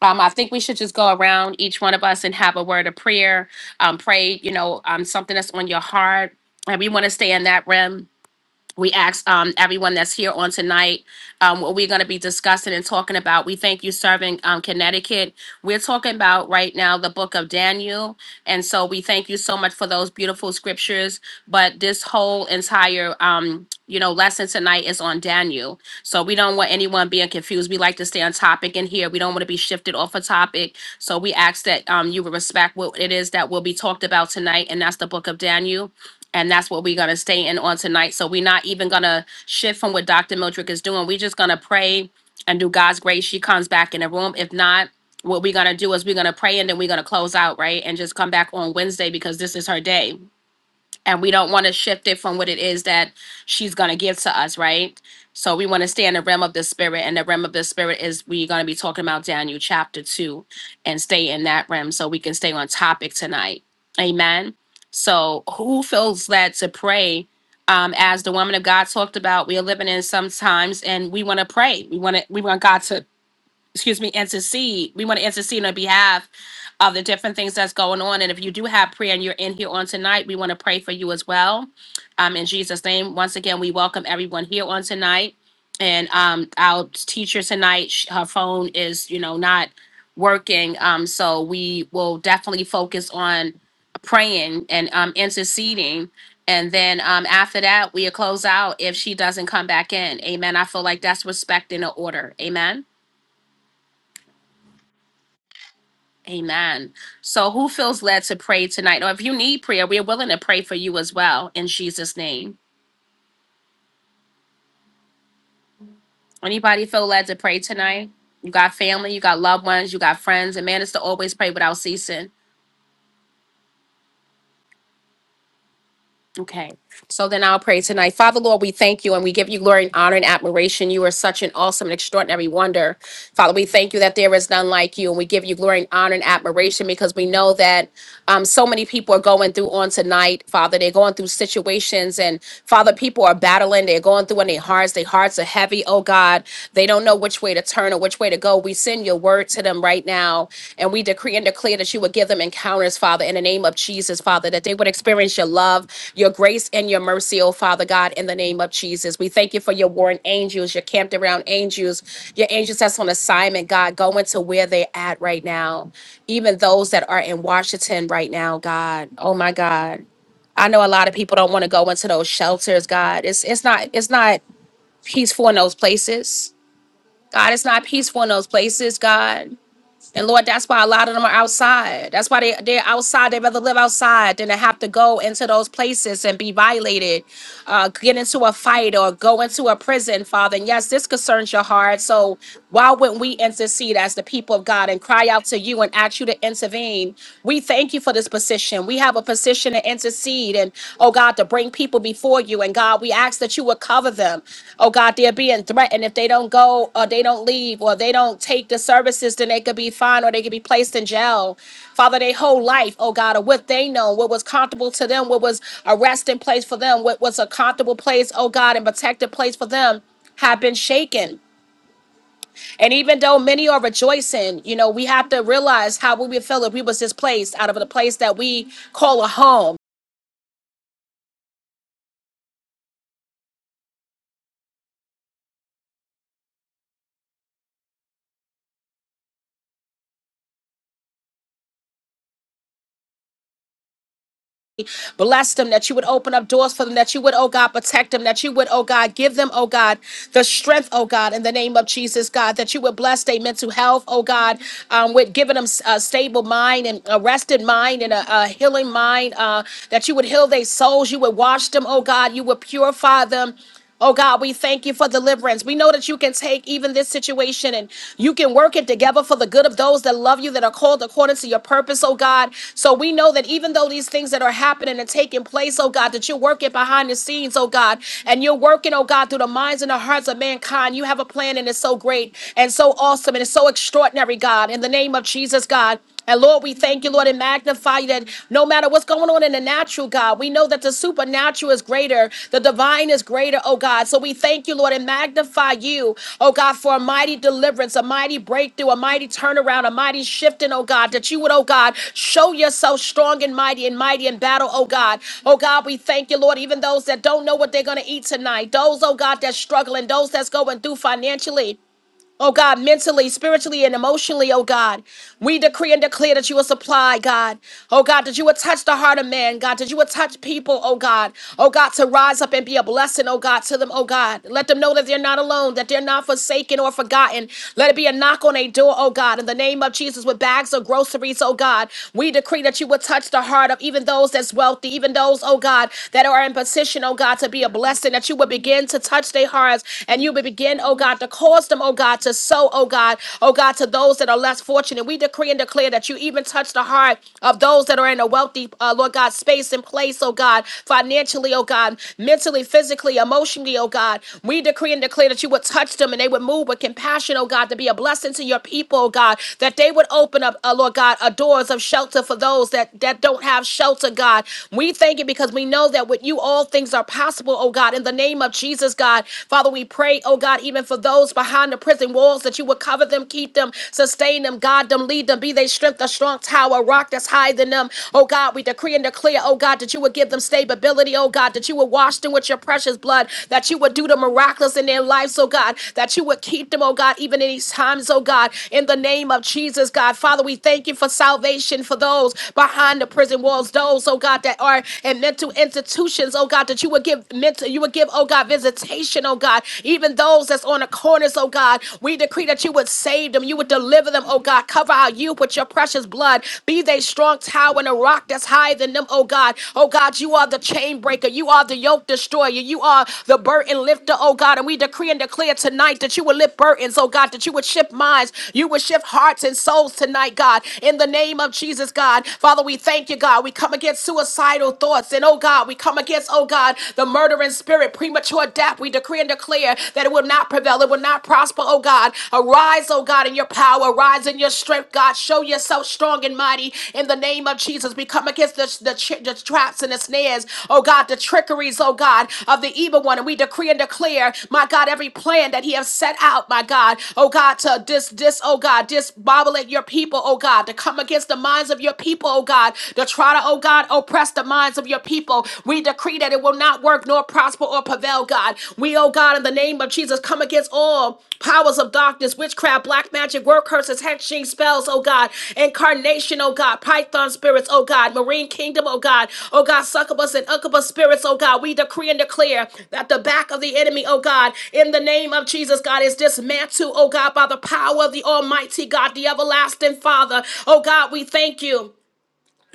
Um, I think we should just go around each one of us and have a word of prayer, um, pray, you know, um, something that's on your heart, and we want to stay in that realm we ask um, everyone that's here on tonight um, what we're going to be discussing and talking about. We thank you serving um, Connecticut. We're talking about right now the book of Daniel. And so we thank you so much for those beautiful scriptures. But this whole entire um, you know, lesson tonight is on Daniel. So we don't want anyone being confused. We like to stay on topic in here. We don't want to be shifted off a topic. So we ask that um, you would respect what it is that will be talked about tonight, and that's the book of Daniel and that's what we're going to stay in on tonight. So we're not even going to shift from what Dr. Mildred is doing. We're just going to pray and do God's grace. She comes back in the room. If not, what we're going to do is we're going to pray and then we're going to close out, right? And just come back on Wednesday because this is her day and we don't want to shift it from what it is that she's going to give to us right so we want to stay in the realm of the spirit and the realm of the spirit is we're going to be talking about daniel chapter 2 and stay in that realm so we can stay on topic tonight amen so who feels led to pray um, as the woman of god talked about we are living in sometimes and we want to pray we want to we want god to excuse me, intercede. We want to intercede on behalf of the different things that's going on. And if you do have prayer and you're in here on tonight, we want to pray for you as well. Um, in Jesus' name, once again, we welcome everyone here on tonight. And um, our teacher tonight, sh- her phone is, you know, not working. Um, so we will definitely focus on praying and um, interceding. And then um, after that, we'll close out if she doesn't come back in. Amen. I feel like that's respecting the order. Amen. Amen. So, who feels led to pray tonight? Or if you need prayer, we're willing to pray for you as well in Jesus' name. Anybody feel led to pray tonight? You got family, you got loved ones, you got friends, and man is to always pray without ceasing. Okay. So then I'll pray tonight. Father, Lord, we thank you and we give you glory and honor and admiration. You are such an awesome and extraordinary wonder. Father, we thank you that there is none like you, and we give you glory and honor and admiration because we know that. Um, so many people are going through on tonight, Father. They're going through situations, and Father, people are battling. They're going through in their hearts. Their hearts are heavy, oh God. They don't know which way to turn or which way to go. We send your word to them right now, and we decree and declare that you would give them encounters, Father, in the name of Jesus, Father, that they would experience your love, your grace, and your mercy, oh Father God, in the name of Jesus. We thank you for your warring angels, your camped around angels, your angels that's on assignment, God, going to where they're at right now even those that are in Washington right now, God. Oh my God. I know a lot of people don't want to go into those shelters, God. It's it's not it's not peaceful in those places. God, it's not peaceful in those places, God. And Lord, that's why a lot of them are outside. That's why they, they're outside. They'd rather live outside than to have to go into those places and be violated, uh, get into a fight or go into a prison, Father. And yes, this concerns your heart. So why wouldn't we intercede as the people of God and cry out to you and ask you to intervene? We thank you for this position. We have a position to intercede. and oh God, to bring people before you. And God, we ask that you would cover them. Oh God, they're being threatened. If they don't go or they don't leave or they don't take the services, then they could be fined or they could be placed in jail. Father, their whole life, oh God, or what they know, what was comfortable to them, what was a resting place for them, what was a comfortable place, oh God, and protected place for them have been shaken. And even though many are rejoicing, you know, we have to realize how we would feel if we was displaced out of the place that we call a home. Bless them that you would open up doors for them, that you would, oh God, protect them, that you would, oh God, give them, oh God, the strength, oh God, in the name of Jesus, God, that you would bless their mental health, oh God, um, with giving them a stable mind and a rested mind and a, a healing mind, uh, that you would heal their souls, you would wash them, oh God, you would purify them. Oh God, we thank you for deliverance. We know that you can take even this situation and you can work it together for the good of those that love you, that are called according to your purpose, oh God. So we know that even though these things that are happening and taking place, oh God, that you're working behind the scenes, oh God, and you're working, oh God, through the minds and the hearts of mankind. You have a plan and it's so great and so awesome and it's so extraordinary, God. In the name of Jesus, God. And Lord, we thank you, Lord, and magnify you that no matter what's going on in the natural, God, we know that the supernatural is greater, the divine is greater, oh God. So we thank you, Lord, and magnify you, oh God, for a mighty deliverance, a mighty breakthrough, a mighty turnaround, a mighty shifting, oh God, that you would, oh God, show yourself strong and mighty and mighty in battle, oh God. Oh God, we thank you, Lord, even those that don't know what they're going to eat tonight, those, oh God, that's struggling, those that's going through financially. Oh God, mentally, spiritually, and emotionally, oh God. We decree and declare that you will supply, God. Oh God, that you would touch the heart of man, God. That you would touch people, oh God. Oh God, to rise up and be a blessing, oh God, to them, oh God. Let them know that they're not alone, that they're not forsaken or forgotten. Let it be a knock on a door, oh God. In the name of Jesus, with bags of groceries, oh God. We decree that you would touch the heart of even those that's wealthy, even those, oh God, that are in position, oh God, to be a blessing, that you would begin to touch their hearts and you would begin again, oh God, to cause them, oh God, to sow, oh God, oh God, to those that are less fortunate. We decree and declare that you even touch the heart of those that are in a wealthy, uh, Lord God, space and place, oh God, financially, oh God, mentally, physically, emotionally, oh God. We decree and declare that you would touch them and they would move with compassion, oh God, to be a blessing to your people, oh God, that they would open up, uh, Lord God, uh, doors of shelter for those that, that don't have shelter, God. We thank you because we know that with you all things are possible, oh God, in the name of Jesus. Jesus, God. Father, we pray, oh God, even for those behind the prison walls that you would cover them, keep them, sustain them, guide them, lead them, be they strength, a strong tower, rock that's higher than them. Oh God, we decree and declare, oh God, that you would give them stability, oh God, that you would wash them with your precious blood, that you would do the miraculous in their lives, oh God, that you would keep them, oh God, even in these times, oh God, in the name of Jesus, God. Father, we thank you for salvation for those behind the prison walls, those, oh God, that are in mental institutions, oh God, that you would give give mental, you would give, oh God, visitation, oh God, even those that's on the corners, oh God. We decree that you would save them, you would deliver them, oh God. Cover our youth with your precious blood. Be they strong tower and a rock that's higher than them, oh God. Oh God, you are the chain breaker, you are the yoke destroyer, you are the burden lifter, oh God. And we decree and declare tonight that you would lift burdens, oh God, that you would shift minds, you would shift hearts and souls tonight, God. In the name of Jesus, God. Father, we thank you, God. We come against suicidal thoughts and oh God. We come against, oh God, the murdering spirit, premature death. We decree and declare that it will not prevail, it will not prosper, oh God. Arise, oh God, in your power, arise in your strength, God. Show yourself strong and mighty in the name of Jesus. We come against the, the, chi- the traps and the snares, oh God, the trickeries, oh God, of the evil one. And we decree and declare, my God, every plan that he has set out, my God, oh God, to dis, dis, oh God, disbobulate your people, oh God, to come against the minds of your people, oh God, to try to, oh God. God, oppress the minds of your people. We decree that it will not work nor prosper or prevail, God. We, oh God, in the name of Jesus, come against all powers of darkness, witchcraft, black magic, word curses, hexing spells, oh God, incarnation, oh God, python spirits, oh God, marine kingdom, oh God, oh God, succubus and incubus spirits, oh God. We decree and declare that the back of the enemy, oh God, in the name of Jesus, God, is dismantled, oh God, by the power of the Almighty God, the everlasting Father. Oh God, we thank you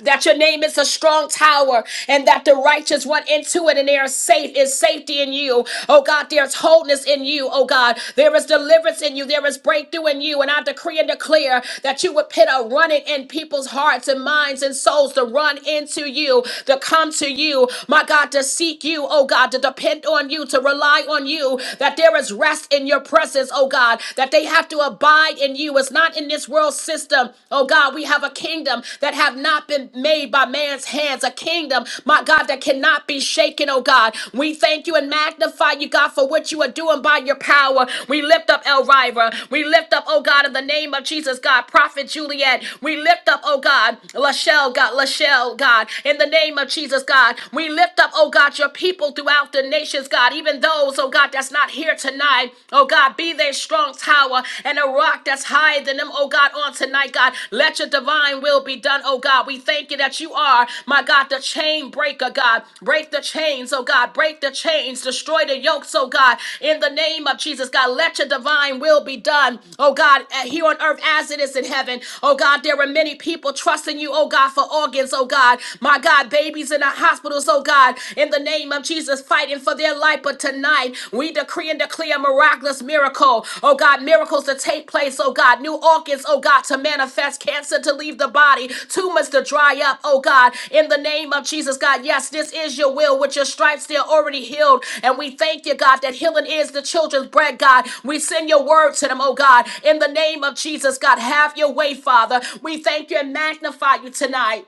that your name is a strong tower and that the righteous run into it and they are safe is safety in you oh god there's wholeness in you oh god there is deliverance in you there is breakthrough in you and i decree and declare that you would put a running in people's hearts and minds and souls to run into you to come to you my god to seek you oh god to depend on you to rely on you that there is rest in your presence oh god that they have to abide in you it's not in this world system. Oh God, we have a kingdom that have not been made by man's hands, a kingdom, my God, that cannot be shaken, oh God. We thank you and magnify you, God, for what you are doing by your power. We lift up Elvira. We lift up, oh God, in the name of Jesus, God, Prophet Juliet. We lift up, oh God, Lachelle, God, Lachelle, God, in the name of Jesus, God. We lift up, oh God, your people throughout the nations, God, even those, oh God, that's not here tonight tonight. Oh God, be their strong tower and a rock that's higher than them. Oh God, on tonight, God, let your divine will be done. Oh God, we thank you that you are, my God, the chain breaker, God. Break the chains, oh God, break the chains, destroy the yokes, oh God, in the name of Jesus, God, let your divine will be done, oh God, eh, here on earth as it is in heaven. Oh God, there are many people trusting you, oh God, for organs, oh God, my God, babies in the hospitals, oh God, in the name name of Jesus fighting for their life. But tonight, we decree and declare a miraculous miracle. Oh God, miracles to take place. Oh God, new organs, oh God, to manifest, cancer to leave the body, tumors to dry up. Oh God, in the name of Jesus, God, yes, this is your will. With your stripes, they're already healed. And we thank you, God, that healing is the children's bread, God. We send your word to them, oh God, in the name of Jesus, God, have your way, Father. We thank you and magnify you tonight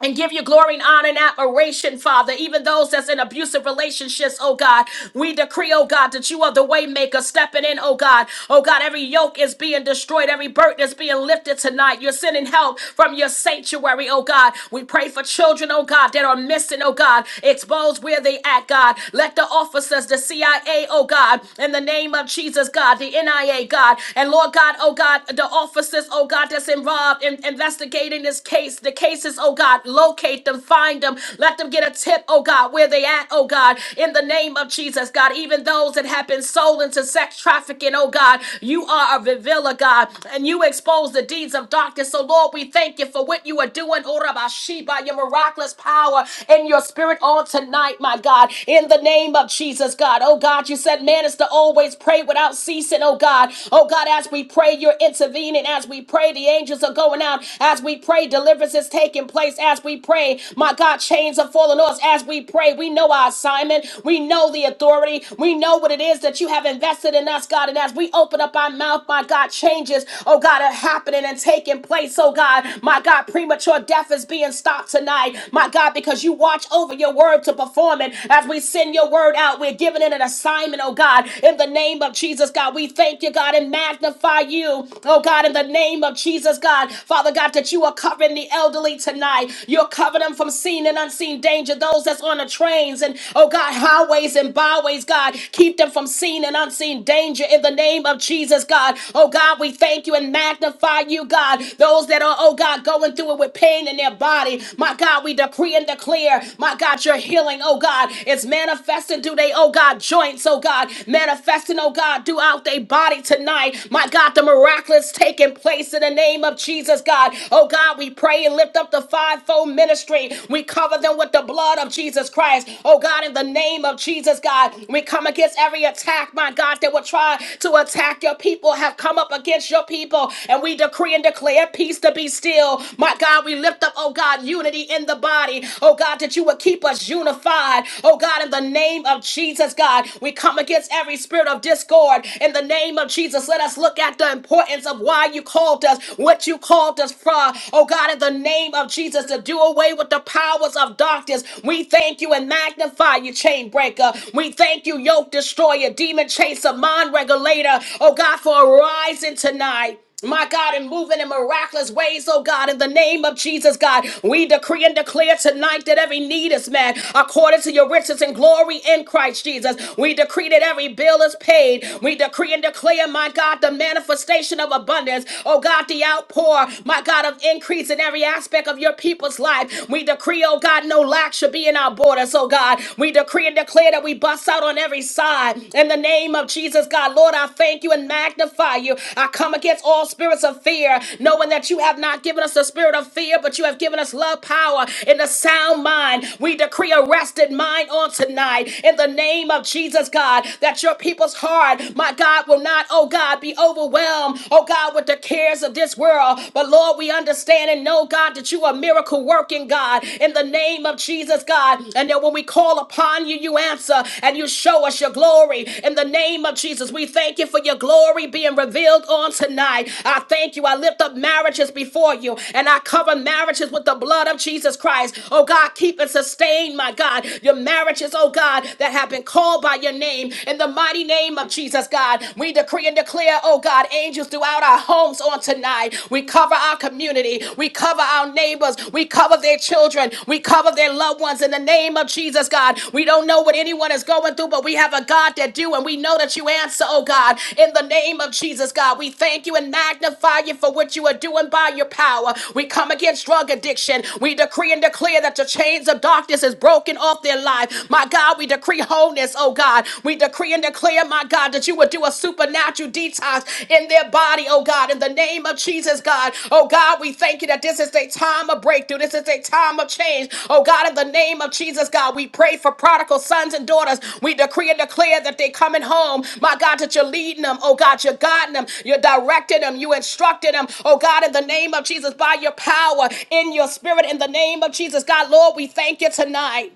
and give you glory and honor and admiration, Father. Even those that's in abusive relationships, oh God, we decree, oh God, that you are the way maker stepping in, oh God. Oh God, every yoke is being destroyed, every burden is being lifted tonight. You're sending help from your sanctuary, oh God. We pray for children, oh God, that are missing, oh God. Expose where they at, God. Let the officers, the CIA, oh God, in the name of Jesus, God, the NIA, God, and Lord God, oh God, the officers, oh God, that's involved in investigating this case case, the cases, oh God, locate them, find them, let them get a tip, oh God, where they at, oh God, in the name of Jesus, God, even those that have been sold into sex trafficking, oh God, you are a revealer, God, and you expose the deeds of darkness. So Lord, we thank you for what you are doing, oh Rabashi, by your miraculous power and your spirit on tonight, my God, in the name of Jesus, God, oh God, you said man is to always pray without ceasing, oh God, oh God, as we pray, you're intervening, as we pray, the angels are going out down. As we pray, deliverance is taking place. As we pray, my God, chains are falling off. As we pray, we know our assignment. We know the authority. We know what it is that you have invested in us, God. And as we open up our mouth, my God, changes, oh God, are happening and taking place. Oh God, my God, premature death is being stopped tonight. My God, because you watch over your word to perform it. As we send your word out, we're giving it an assignment, oh God. In the name of Jesus, God, we thank you, God, and magnify you, oh God, in the name name of Jesus, God. Father God, that you are covering the elderly tonight. You're covering them from seen and unseen danger. Those that's on the trains and, oh God, highways and byways, God. Keep them from seen and unseen danger in the name of Jesus, God. Oh God, we thank you and magnify you, God. Those that are, oh God, going through it with pain in their body. My God, we decree and declare, my God, your healing, oh God, is manifesting through they, oh God, joints, oh God, manifesting, oh God, throughout their body tonight. My God, the miraculous miraculous taking place in the name of Jesus, God. Oh God, we pray and lift up the fivefold ministry. We cover them with the blood of Jesus Christ. Oh God, in the name of Jesus, God, we come against every attack, my God, that will try to attack your people, have come up against your people, and we decree and declare peace to be still. My God, we lift up, oh God, unity in the body. Oh God, that you would keep us unified. Oh God, in the name of Jesus, God, we come against every spirit of discord in the name of Jesus. Jesus, let us look at the importance of why you called us, what you called us from. Oh God, in the name of Jesus, to do away with the powers of darkness. We thank you and magnify you, chain breaker. We thank you, yoke destroyer, demon chaser, mind regulator. Oh God, for arising tonight my God, and moving in miraculous ways, oh God, in the name of Jesus, God, we decree and declare tonight that every need is met according to your riches and glory in Christ Jesus. We decree that every bill is paid. We decree and declare, my God, the manifestation of abundance, oh God, the outpour, my God, of increase in every aspect of your people's life. We decree, oh God, no lack should be in our borders, oh God. We decree and declare that we bust out on every side. God, in the name of Jesus, God. Lord, I thank you and magnify you. I come against all spirits of fear, knowing that you have not given us the spirit of fear, but you have given us love, power, and a sound mind. We decree a rested mind on tonight, in the name of Jesus, God, that your people's heart, my God, will not, oh God, be overwhelmed, oh God, with the cares of this world. But Lord, we understand and know, God, that you are miracle working, God, in the name name of Jesus, God. And that when we call upon you, you answer and you show us your glory. In the name of Jesus, we thank you for your glory being revealed on tonight. I thank you. I lift up marriages before you and I cover marriages with the blood of Jesus Christ. Oh God, keep and sustain, my God, your marriages, oh God, that have been called by your name. In the mighty name of Jesus, God, we decree and declare, oh God, angels throughout our homes on tonight. We cover our community. We cover our neighbors. We cover their children. We cover their loved ones in the name of Jesus, God. We don't know what anyone is going through, but we have a God that do, and we know that you answer, oh God, in the name of Jesus, God. We thank you and magnify you for what you are doing by your power. We come against drug addiction. We decree and declare that the chains of darkness is broken off their life. My God, we decree wholeness, oh God. We decree and declare, my God. God, that you would do a supernatural detox in their body, oh God, in the name of Jesus, God. Oh God, we thank you that this is a time of breakthrough. This is a time of change. Oh God, in the name of Jesus, God, we pray for prodigal sons and daughters. We decree and declare that they're coming home. My God, that you're leading them. Oh God, you're guiding them. You're directing them. You instructed them. Oh God, in the name of Jesus, by your power, in your spirit, in the name of Jesus, God, Lord, we thank you tonight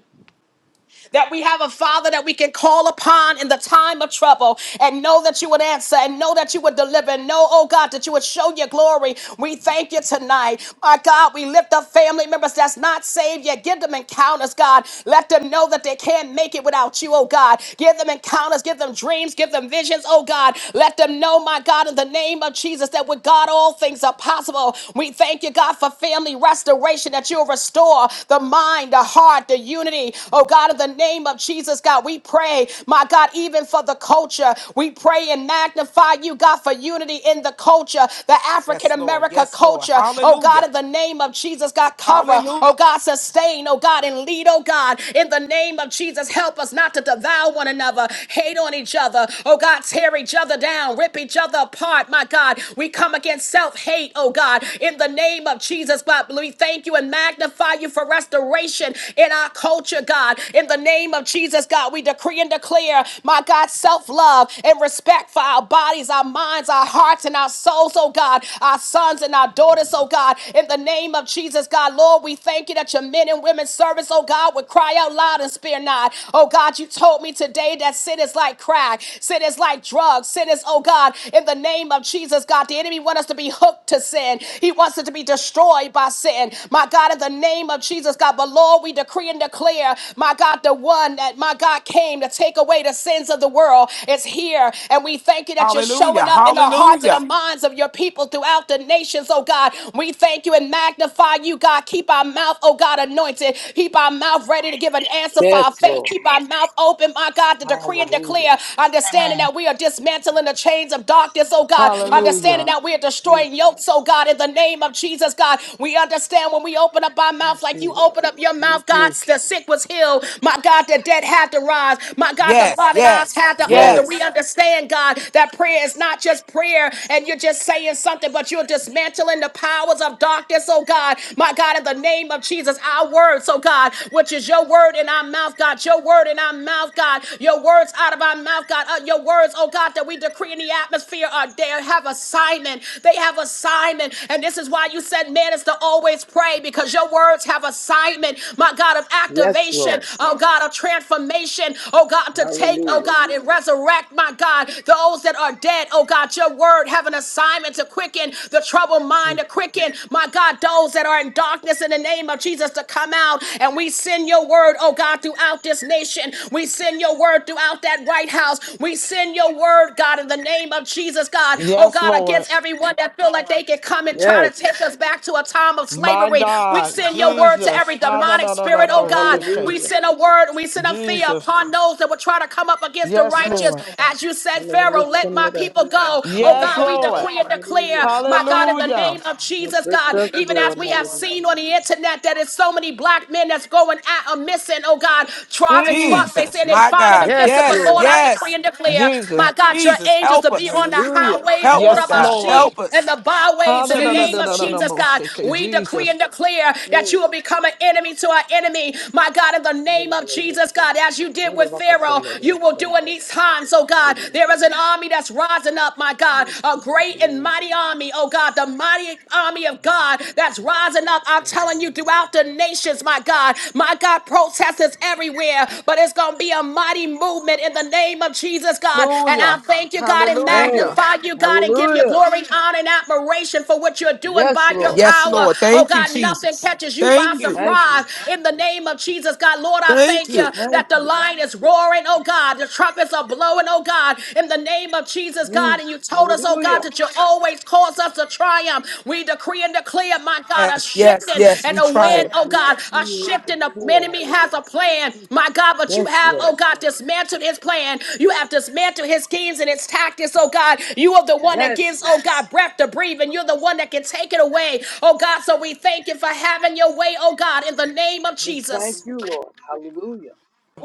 that we have a Father that we can call upon in the time of trouble and know that you would answer and know that you would deliver and know, oh God, that you would show your glory. We thank you tonight. My God, we lift up family members that's not saved yet. Give them encounters, God. Let them know that they can't make it without you, oh God. Give them encounters, give them dreams, give them visions, oh God. Let them know, my God, in the name of Jesus, that with God all things are possible. We thank you, God, for family restoration that you'll restore the mind, the heart, the unity, oh God, in the the name of Jesus, God. We pray, my God, even for the culture. We pray and magnify you, God, for unity in the culture, the African Yes, Lord. America Yes, Lord. culture. Oh, God, Hallelujah. in the name of Jesus, God, cover. Hallelujah. Oh, God, sustain. Oh, God, and lead. Oh, God, in the name of Jesus, help us not to devour one another, hate on each other. Oh, God, tear each other down, rip each other apart. My God, we come against self hate. Oh, God, in the name of Jesus, God, we thank you and magnify you for restoration in our culture, God. In in the name of Jesus, God, we decree and declare, my God, self love and respect for our bodies, our minds, our hearts, and our souls, oh God, our sons and our daughters, oh God. In the name of Jesus, God, Lord, we thank you that your men and women's service, oh God, would cry out loud and spare not. Oh God, you told me today that sin is like crack, sin is like drugs, sin is, oh God, in the name of Jesus, God, the enemy wants us to be hooked to sin. He wants us to be destroyed by sin. My God, in the name of Jesus, God, but Lord, we decree and declare, my God. God, the one that, my God, came to take away the sins of the world is here. And we thank you that you're showing Hallelujah. up in the hearts and the Hallelujah. minds of your people throughout the nations, oh God. We thank you and magnify you, God. Keep our mouth, oh God, anointed. Keep our mouth ready to give an answer for our festival. faith. Keep our mouth open, my God, to decree and Hallelujah. declare, understanding Amen. that we are dismantling the chains of darkness, oh God. Yes, Understanding Hallelujah. that we are Jesus. destroying Jesus. yokes, oh God, in the name of Jesus, God. We understand when we open up our mouth Thank you, like you Lord. open up your Thank mouth, God, you. the sick was healed know, my God, the dead had to rise. My God, the Yes, blinded eyes yes, had to Yes, open. We yes. understand, God, that prayer is not just prayer and you're just saying something, but you're dismantling the powers of darkness, oh God. My God, in the name of Jesus, our words, oh God, which is your word in our mouth, God, your word in our mouth, God, your words out of our mouth, God, uh, your words, oh God, that we decree in the atmosphere are there, have assignment. They have assignment. And this is why you said man is to always pray because your words have assignment, my God, of yes, activation Lord. restoration, oh God, a transformation, oh God, to take, oh Hallelujah. God, and resurrect, my God, those that are dead, oh God. Your word have an assignment to quicken the troubled mind, to quicken, my God, those that are in darkness in the name of Jesus to come out. And we send your word, oh God, throughout this nation. We send your word throughout that White House. We send your word, God, in the name of Jesus, God, oh Yes, God, Lord. against everyone that feel like they can come and try Yes, to take us back to a time of My slavery. We God. send your word to Jesus. every demonic spirit, oh God. We we hallelujah. Ha-da-da-da-da-bo-shake. send a word and we send a fear Jesus. upon those that will try to come up against the Yes, righteous. Lord. As you said, Pharaoh, let my Hallelujah. people go. Oh Yes, God, we Lord. decree and Hallelujah. declare, my God, in the name Hallelujah. of Help Jesus, lift God, us, even as Lord. we have Hallelujah. seen on the internet that it's so many black men that's going out and missing, oh God, driving Mm, trucks. They Jesus, say they my find it and God. Yes, miss it, but Yes, Lord, Lord. I decree yes. and declare, Jesus. my God, your Jesus, angels to help be us. on the Hallelujah. highways, Help us, Yes, God. Lord. Orabashi, Help and us. the byways in the name of Jesus. Jesus, God. Ha-da-da-da-da-da-da-bo-shake. We decree Jesus. and declare that Hey. you will become an enemy to our enemy, my God. God, in the name of Jesus, Hallelujah. God, as you Hey, did with Pharaoh, you will do in these times, oh God. There is an army that's rising up, my God, Hey. a great and mighty army, oh God, the mighty army of God that's rising up. I'm telling you, throughout the nations, my God, my God, protest is everywhere, but it's going to be a mighty movement in the name of Jesus, God. And I Hallelujah. thank you, God, and Hey. Hallelujah. magnify you, God, and give you Hallelujah. glory, honor, and admiration for what you're doing Yes, by your Lord. Yes, power. Lord. Oh Thank you, God, nothing Jesus. catches you by Thank you. Thank surprise you. in the name of Jesus. Jesus, God. Lord, I Thank thank you you. Thank that the you. lion is roaring, oh God. The trumpets are blowing, oh God. In the name of Jesus, God. Hey. And you told us, oh God, Hallelujah. that you always cause us to triumph. We decree and declare, my God, a Yes, yes, shifting yes. and We a try Yes, wind, it. oh we God. A decree, we shifting. The declare, enemy has a hallelujah. plan, my God. But you Yes, have, oh Lord. God, dismantled his plan. You have dismantled his schemes and his tactics, oh God. You are the one that Yes, gives, oh God, breath to breathe. And you're the one that can take it away, oh God. So we thank you for having your way, oh God, in the name of we thank Jesus. you, Lord. Hallelujah.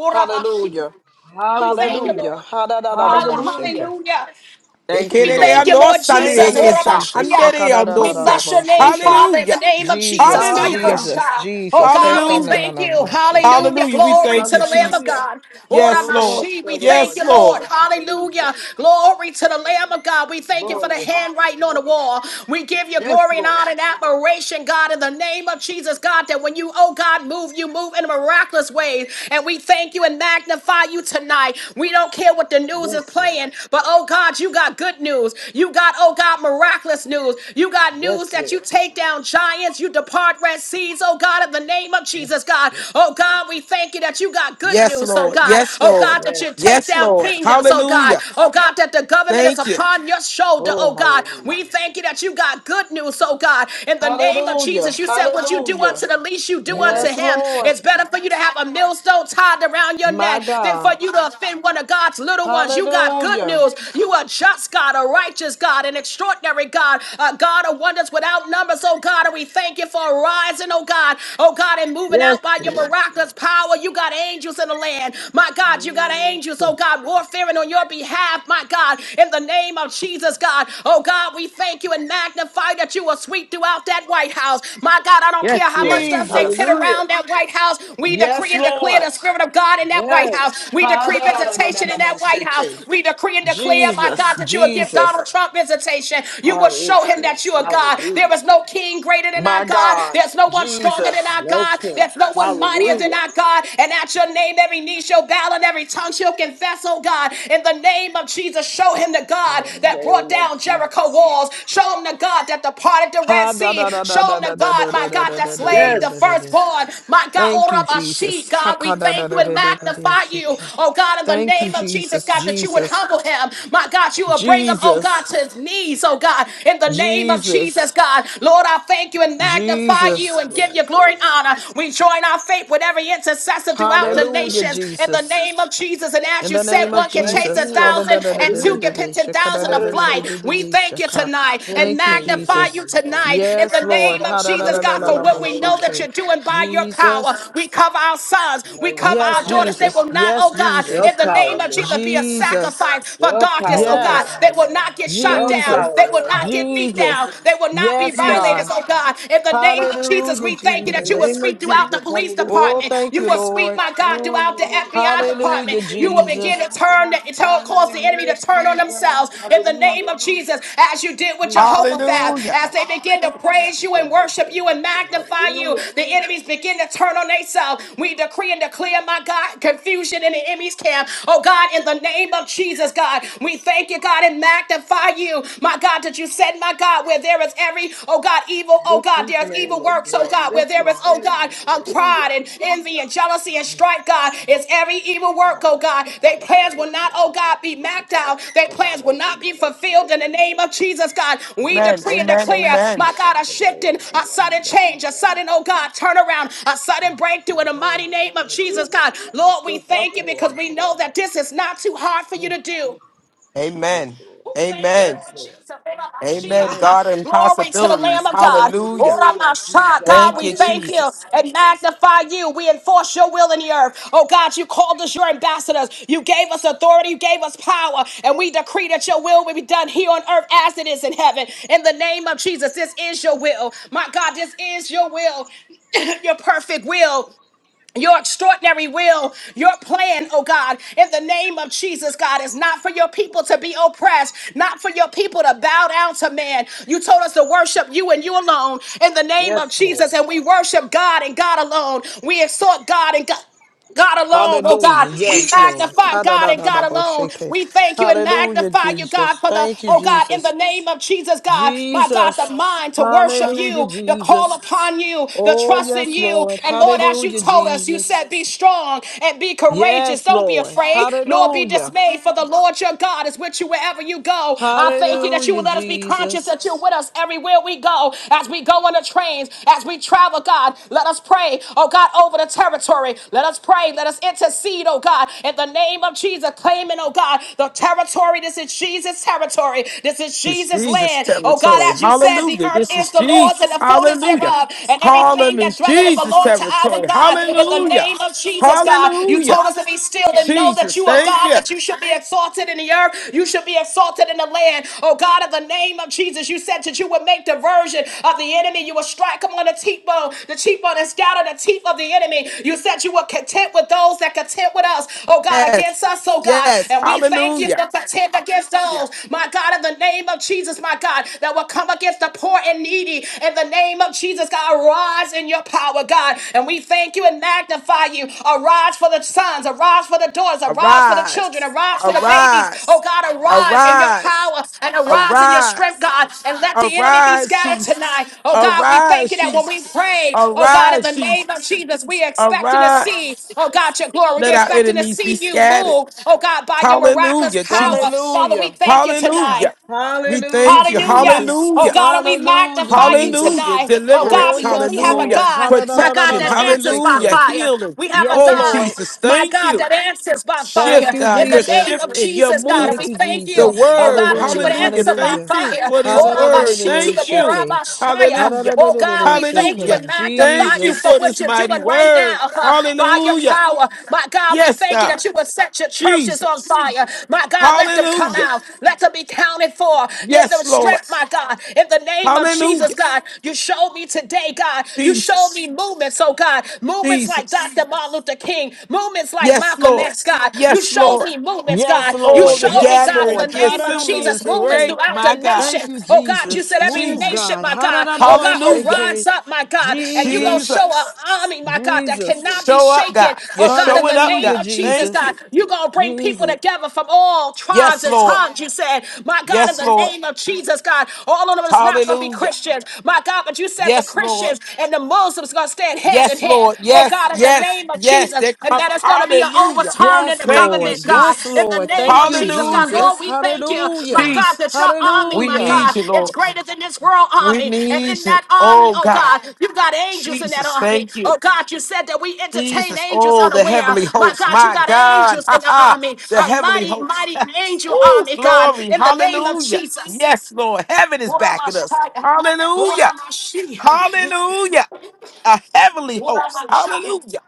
Hallelujah. We thank you, Hallelujah. Hallelujah. Lord. Hallelujah. Ha-da-da-da-da-bo-shake. Hallelujah. Thank you, We thank Lord. you, Lord Ekerereandosa, Thank Jesus. Thank you. you, nerekesa, Jesus. Orabashia. We Hallelujah. andereandosa. bless your name, Ha-ka-da-da-da-da-da-bo-shake. Father, in the Hallelujah. name of Jesus. Jesus, Hallelujah. Hallelujah. Jesus, Kayabosha. Oh Jesus. God, we Hallelujah. thank you. Heka-na-na-na-bo-shake. Hallelujah. Hallelujah. We Glory thank to you, the Lamb of Hallelujah. Jesus. God. Yes, So the Lord. most Oramashi. of We the thank Lord Yes, you, Lord. Lord. Jesus. Hallelujah. Hallelujah. Hallelujah. Thank you, Glory to the Lord. Lamb of God. We thank We you Love for the you. Glory. handwriting We on the Love you. We wall. We give you Yes, glory and Love Lord. honor and you. We admiration, God, in the name of Love Jesus, you. God, that when you, oh God, move, you move in a miraculous way. And we thank you and magnify you tonight. We don't care what the news is Yes, Lord. playing, but oh God, you got good news. You got, oh God, miraculous news. You got news Yes, that you Lord. take down giants, you depart red seas, oh God, in the name of Jesus, God. Oh God, we thank you that you got good Yes, news, oh Lord. God. Yes, Oh Lord. God, that you Yes. take Yes, down Lord. kingdoms, oh God. Hallelujah. Oh God, that the government is Thank you. upon your shoulder, Oh, oh God. hallelujah. We thank you that you got good news, oh God. In the name of Hallelujah. Jesus, you said what you do unto Hallelujah. the least, you do unto Yes. Yes, him. Lord. It's better for you to have a millstone tied around your My neck than for God. you to offend one of God's little ones. You got good Hallelujah. news. You are just just God, a righteous God, an extraordinary God, a God of wonders without numbers, oh God. And we thank you for rising, oh God, oh God, and moving Yes, out by your Lord. miraculous power. You got angels in the land, my God. You got Mm. angels, oh God, warfaring on your behalf, my God, in the name of Jesus, God. Oh God, we thank you and magnify that you will sweep throughout that White House, my God. I don't Yes, care how much Lord. stuff they pit Jesus. Hallelujah. around that White House. We decree Yes, and declare Lord. the Spirit of God in that White Yes. House. We decree visitation in that White House. Ha-da-da-da-da-da-da-bo-shake. We decree and declare, my Jesus, God, that you will give Jesus. Donald Trump visitation. You will God show is him good. that you are God. There Hallelujah. is no king greater than My our God. God. There's no one stronger than Jesus. our No God. king. There's no one mightier than Hallelujah. our God. And at your name, every knee shall bow and every tongue shall confess, oh God. In the name of Jesus, show him the God In the that brought name of down Jesus. Jericho walls. Show him the God that departed the Red Ha, da, Sea. da, da, da, Show da, him the da, da, God, da, my da, God, da, that da, da, da, da, slayed da, the da, da, Yes. da. firstborn. My God, Thank you, Orabashi, Jesus. Ha, God, we ka, da, da, thank you da, and da, da, da, da, magnify you. shake. Oh God, in the Thank you, name of Jesus, Jesus. God, that you would Jesus. humble him. My God, you will bring him, oh God, Jesus. to his knees, oh God, in the name of Jesus, Jesus. God. Lord, I thank you and magnify Yes, you Jesus. and give Lord. you glory and Yes. honor. We join our faith with every intercessor throughout the Yes, Lord. Hallelujah, nations in the Jesus. name of Jesus. And as In you the said, name of one can Thank chase a Jesus. you, Ha, Lord. da, da, thousand da, da, and da, da, two da, can Hallelujah. da, pitch a shaka, da, thousand da, of da, Aranda da, da, flight. the da, da, We da, thank you shaka. tonight cross, and Thank you, Lord. magnify you Jesus. Hallelujah. tonight in Yes, the Lord. name of Ha, da, da, Jesus, da, Yes, da, God, da, for da, Lord. what bo, we know Hallelujah. that you're shake. doing by your power. Jesus. We cover our sons, By we your cover Yes, our power, daughters. They Jesus. will Lord. not, Yes, oh God, Your Jesus. in the power, name of Lord. Jesus, be a Jesus. sacrifice for Your darkness darkness, power, oh God. Lord. Yes. They will Hallelujah. not get shot Your Jesus. down. power, They will Lord. not get beat Hallelujah. down. Jesus. They will not be Yes, Jesus. violators, God. oh God. In the name of Jesus, Hallelujah, we thank In you the that you will name Jesus. of sweep throughout the Jesus. police Hallelujah. Oh, department. thank You you, will sweep, Lord. my Oh, God, Lord, throughout the I sing FBI to the department. Hallelujah, King, You will to the begin Jesus. to turn, hot son to of cause the the enemy to head, turn on Jesus. themselves. In the name Hallelujah. of Jesus, as you did with Hmm. Jehoshaphat, Hallelujah. as Hallelujah. they begin to praise you and worship you and Jehoshaphat. magnify Hallelujah. you, the enemies begin to turn on themselves. We decree and declare, my God, confusion in the enemy's camp. Oh God, in the name of Jesus, God, we thank you, God, and magnify you, my God, that you said, my God, where there is every, oh God, evil, oh Lift God, his there's name evil up, works, oh Lord. God, where Lift there his is, oh name. God, uh, pride Hallelujah. and envy and jealousy and strife, God, is every evil work, oh God. Their plans will not, oh God, be mapped out. Their plans will not be fulfilled in the Hallelujah. name of Jesus, God. We Amen. decree and Amen. declare, Amen. my God, a shifting, a sudden change, a sudden, oh God, turnaround, a sudden breakthrough in the mighty name of Jesus, Hallelujah. God. Lord, Lift we us up, thank you because Lord. we know Hallelujah. that this is not too hard for you to do. Amen. Yes, Lord. Oh, thank you, Amen. Yes, Lord Lord. Jesus. Amen. Amen. God Oramashia. and Glory to the Lamb possibilities. of God. Ora Hallelujah. Hallelujah, Oramasha. Jesus. God, Thank we you, thank Hallelujah. you Jesus. and Hallelujah. magnify Hallelujah. you. We Thank enforce your will in the you. earth. Oh God, you called us your ambassadors. You gave us authority. You gave us power. And we decree that your will will be done here on earth as it is in heaven. In the name of Jesus, this is your will. My God, this is your will. *coughs* *clears throat* your perfect will your extraordinary will, your plan, oh God, in the name of Jesus, God, is not for your people to be oppressed, not for your people to bow down to man. You told us to worship you and you alone in the name of Yes, Lord. Jesus, and we worship God and God alone. We exhort God and God. God alone, oh God. Hallelujah. We Yes, Lord. magnify God and God alone. Ha-da-da-da-da-bo-shake. We thank you and Hallelujah, magnify you, God, Jesus. for the, Thank you, oh God, in the Jesus. name of Jesus, God, my God, Jesus. the mind to worship Hallelujah, you, to call Jesus. upon you, to Oh, trust in yes, you. Lord. And Lord, as you Hallelujah, told us, you Jesus. said, be strong and be courageous. Yes, Don't be Lord. afraid, nor be Hallelujah. dismayed, for the Lord your God is with you wherever you go. I thank you that you will Hallelujah, let us be conscious Jesus. that you're with us everywhere we go go, as we go on the trains, as we travel, God. Let us pray, oh God, over the territory. Let us pray. Let us intercede, oh God, in the name of Jesus, claiming, oh God, the territory. This is Jesus' territory. This is This is Jesus' Jesus land. Oh God, territory. as you said, the Hallelujah. earth This is is the Lord's and Jesus. the fullness Hallelujah. thereof, and everything Harlem that is dwelleth it Jesus belongs to our territory. God. In the Hallelujah. name of Jesus, God, you Hallelujah. told us to be still and know that Jesus, you are thank God, you. that you you should be exalted in the earth. You should be exalted in the land. Oh God, in the name of Jesus, you said that you would make diversion of the enemy. You would strike them on the cheekbone, the cheekbone that's down on the teeth of the enemy. You said you were content with those that content with us. Oh God, Yes, against us, oh God. yes. And we thank you Hallelujah. for content against those. My God, in the name of Jesus, my God, that will come against the poor and needy. In the name of Jesus, God, rise in your power power, God. And we thank you and magnify you. Arise for the sons, arise for the daughters, arise for the children, Arise, arise for the babies. Oh arise, God, arise in your arise, power and arise in your strength, arise, God, and let the enemy be arise, scattered Jesus. tonight. Oh God, we thank Arise, you that when we Jesus. pray, oh God, in the Arise, name of Jesus. Jesus, we expecting to see, Arise. oh God, your glory. Let We're our expecting to enemies be see you scattered. move, oh God, by your miraculous Hallelujah, power. Jesus. Father, we Hallelujah. thank you tonight. Hallelujah. We Hallelujah, thank you. Hallelujah. Jesus. Oh Hallelujah. God, and we Hallelujah, magnify you Jesus. Hallelujah. tonight. Oh God, Oh, Deliverance. because we yes, have a Hallelujah. Lord. God, my God, Protection. that answers by Hallelujah. Ha-da-da-da-da-da-da-bo-shake. fire. Healing. We have a Yes, Oh, God, Lord. Jesus. my Thank God, you. that answers by fire. Thank Shift, you, In God. the You're name Jesus. of shifting. You're Jesus, God, and moving. Thank we you, thank The you, Jesus. oh God, word. that you Hallelujah. would Hallelujah. answer by Thank Hallelujah. you fire. for this Oh Rabba word. Shiti, Thank oh you. Ha-da-da-da-da-da-da-shake. Rabba Shaya. Hallelujah. Oh, God, we thank you Hallelujah. and Ha-da-da-da-da-da-da-shake. magnify Thank you you for for Jesus. what this you're mighty doing right now word. huh, by your Hallelujah. power. My God, we Yes, thank you God. that you would set your churches on Jesus. fire. My God, let them come Hallelujah. out, let them be counted for them Yes, Lord. strength, my God. In the name of Hallelujah. Jesus, God, you showed me today, God. You showed Jesus. me movements, oh God. Movements like Jesus. Dr. Martin Luther King, movements like Yes, Malcolm Lord. X, God. You Yes, showed Lord. me movements, Yes, God. You Lord. Oh, the showed me, Yes, God, in the gathering, Lord. the name of assembly Jesus, is movements Ha-da-da-bo-shake. great. throughout the My God. Thank nation. you, Oh God, you Jesus. said every Move, Jesus. nation, God. my God, oh God, will Hallelujah. rise Ha-da-da-da-bo-shake. up, my God, and you gonna Jesus, show an Jesus. army, my God, that Jesus. cannot be Show up, shaken. God. You're Oh God, showing in the up, name Hallelujah, God. of Jesus, Thank Jesus. God, you. you gonna bring people Jesus. together from all tribes Yes, and Lord. tongues, you said, my God, in Yes, the Lord. name of of Jesus, God. All of them is not going to be Hallelujah. Christians, my God. But you said the Yes, Lord. Christians and the Muslims going to stand hand in Yes, hand, Lord. oh Yes, God, in the yes, name of yes. Jesus, They and come. that it's going to be an Hallelujah. overturn in Yes, the Thank you, government, Lord. God. Yes, Jesus. In the Lord. name Thank of you, Jesus, God, Hallelujah. Lord, Jesus. we thank you, my Hallelujah. God, that Jesus. your army, We my need Hallelujah. God, you, is Lord. greater than this world We army, and in need you. that army, Oh, oh God. God, you got angels in that Jesus. army, Thank you. oh God. You said that we entertain Jesus. angels Oh, the unaware, heavenly my hosts. God. You My got God. angels *laughs* in Ha the ha. army, The a heavenly mighty, hosts. mighty *laughs* angel Woo, army, God. glory. In the name of Hallelujah. Jesus. Yes, Lord. Heaven is backing us. Uramashaya. Hallelujah. Uramashia. Hallelujah. A heavenly host. Uramashaya. Hallelujah.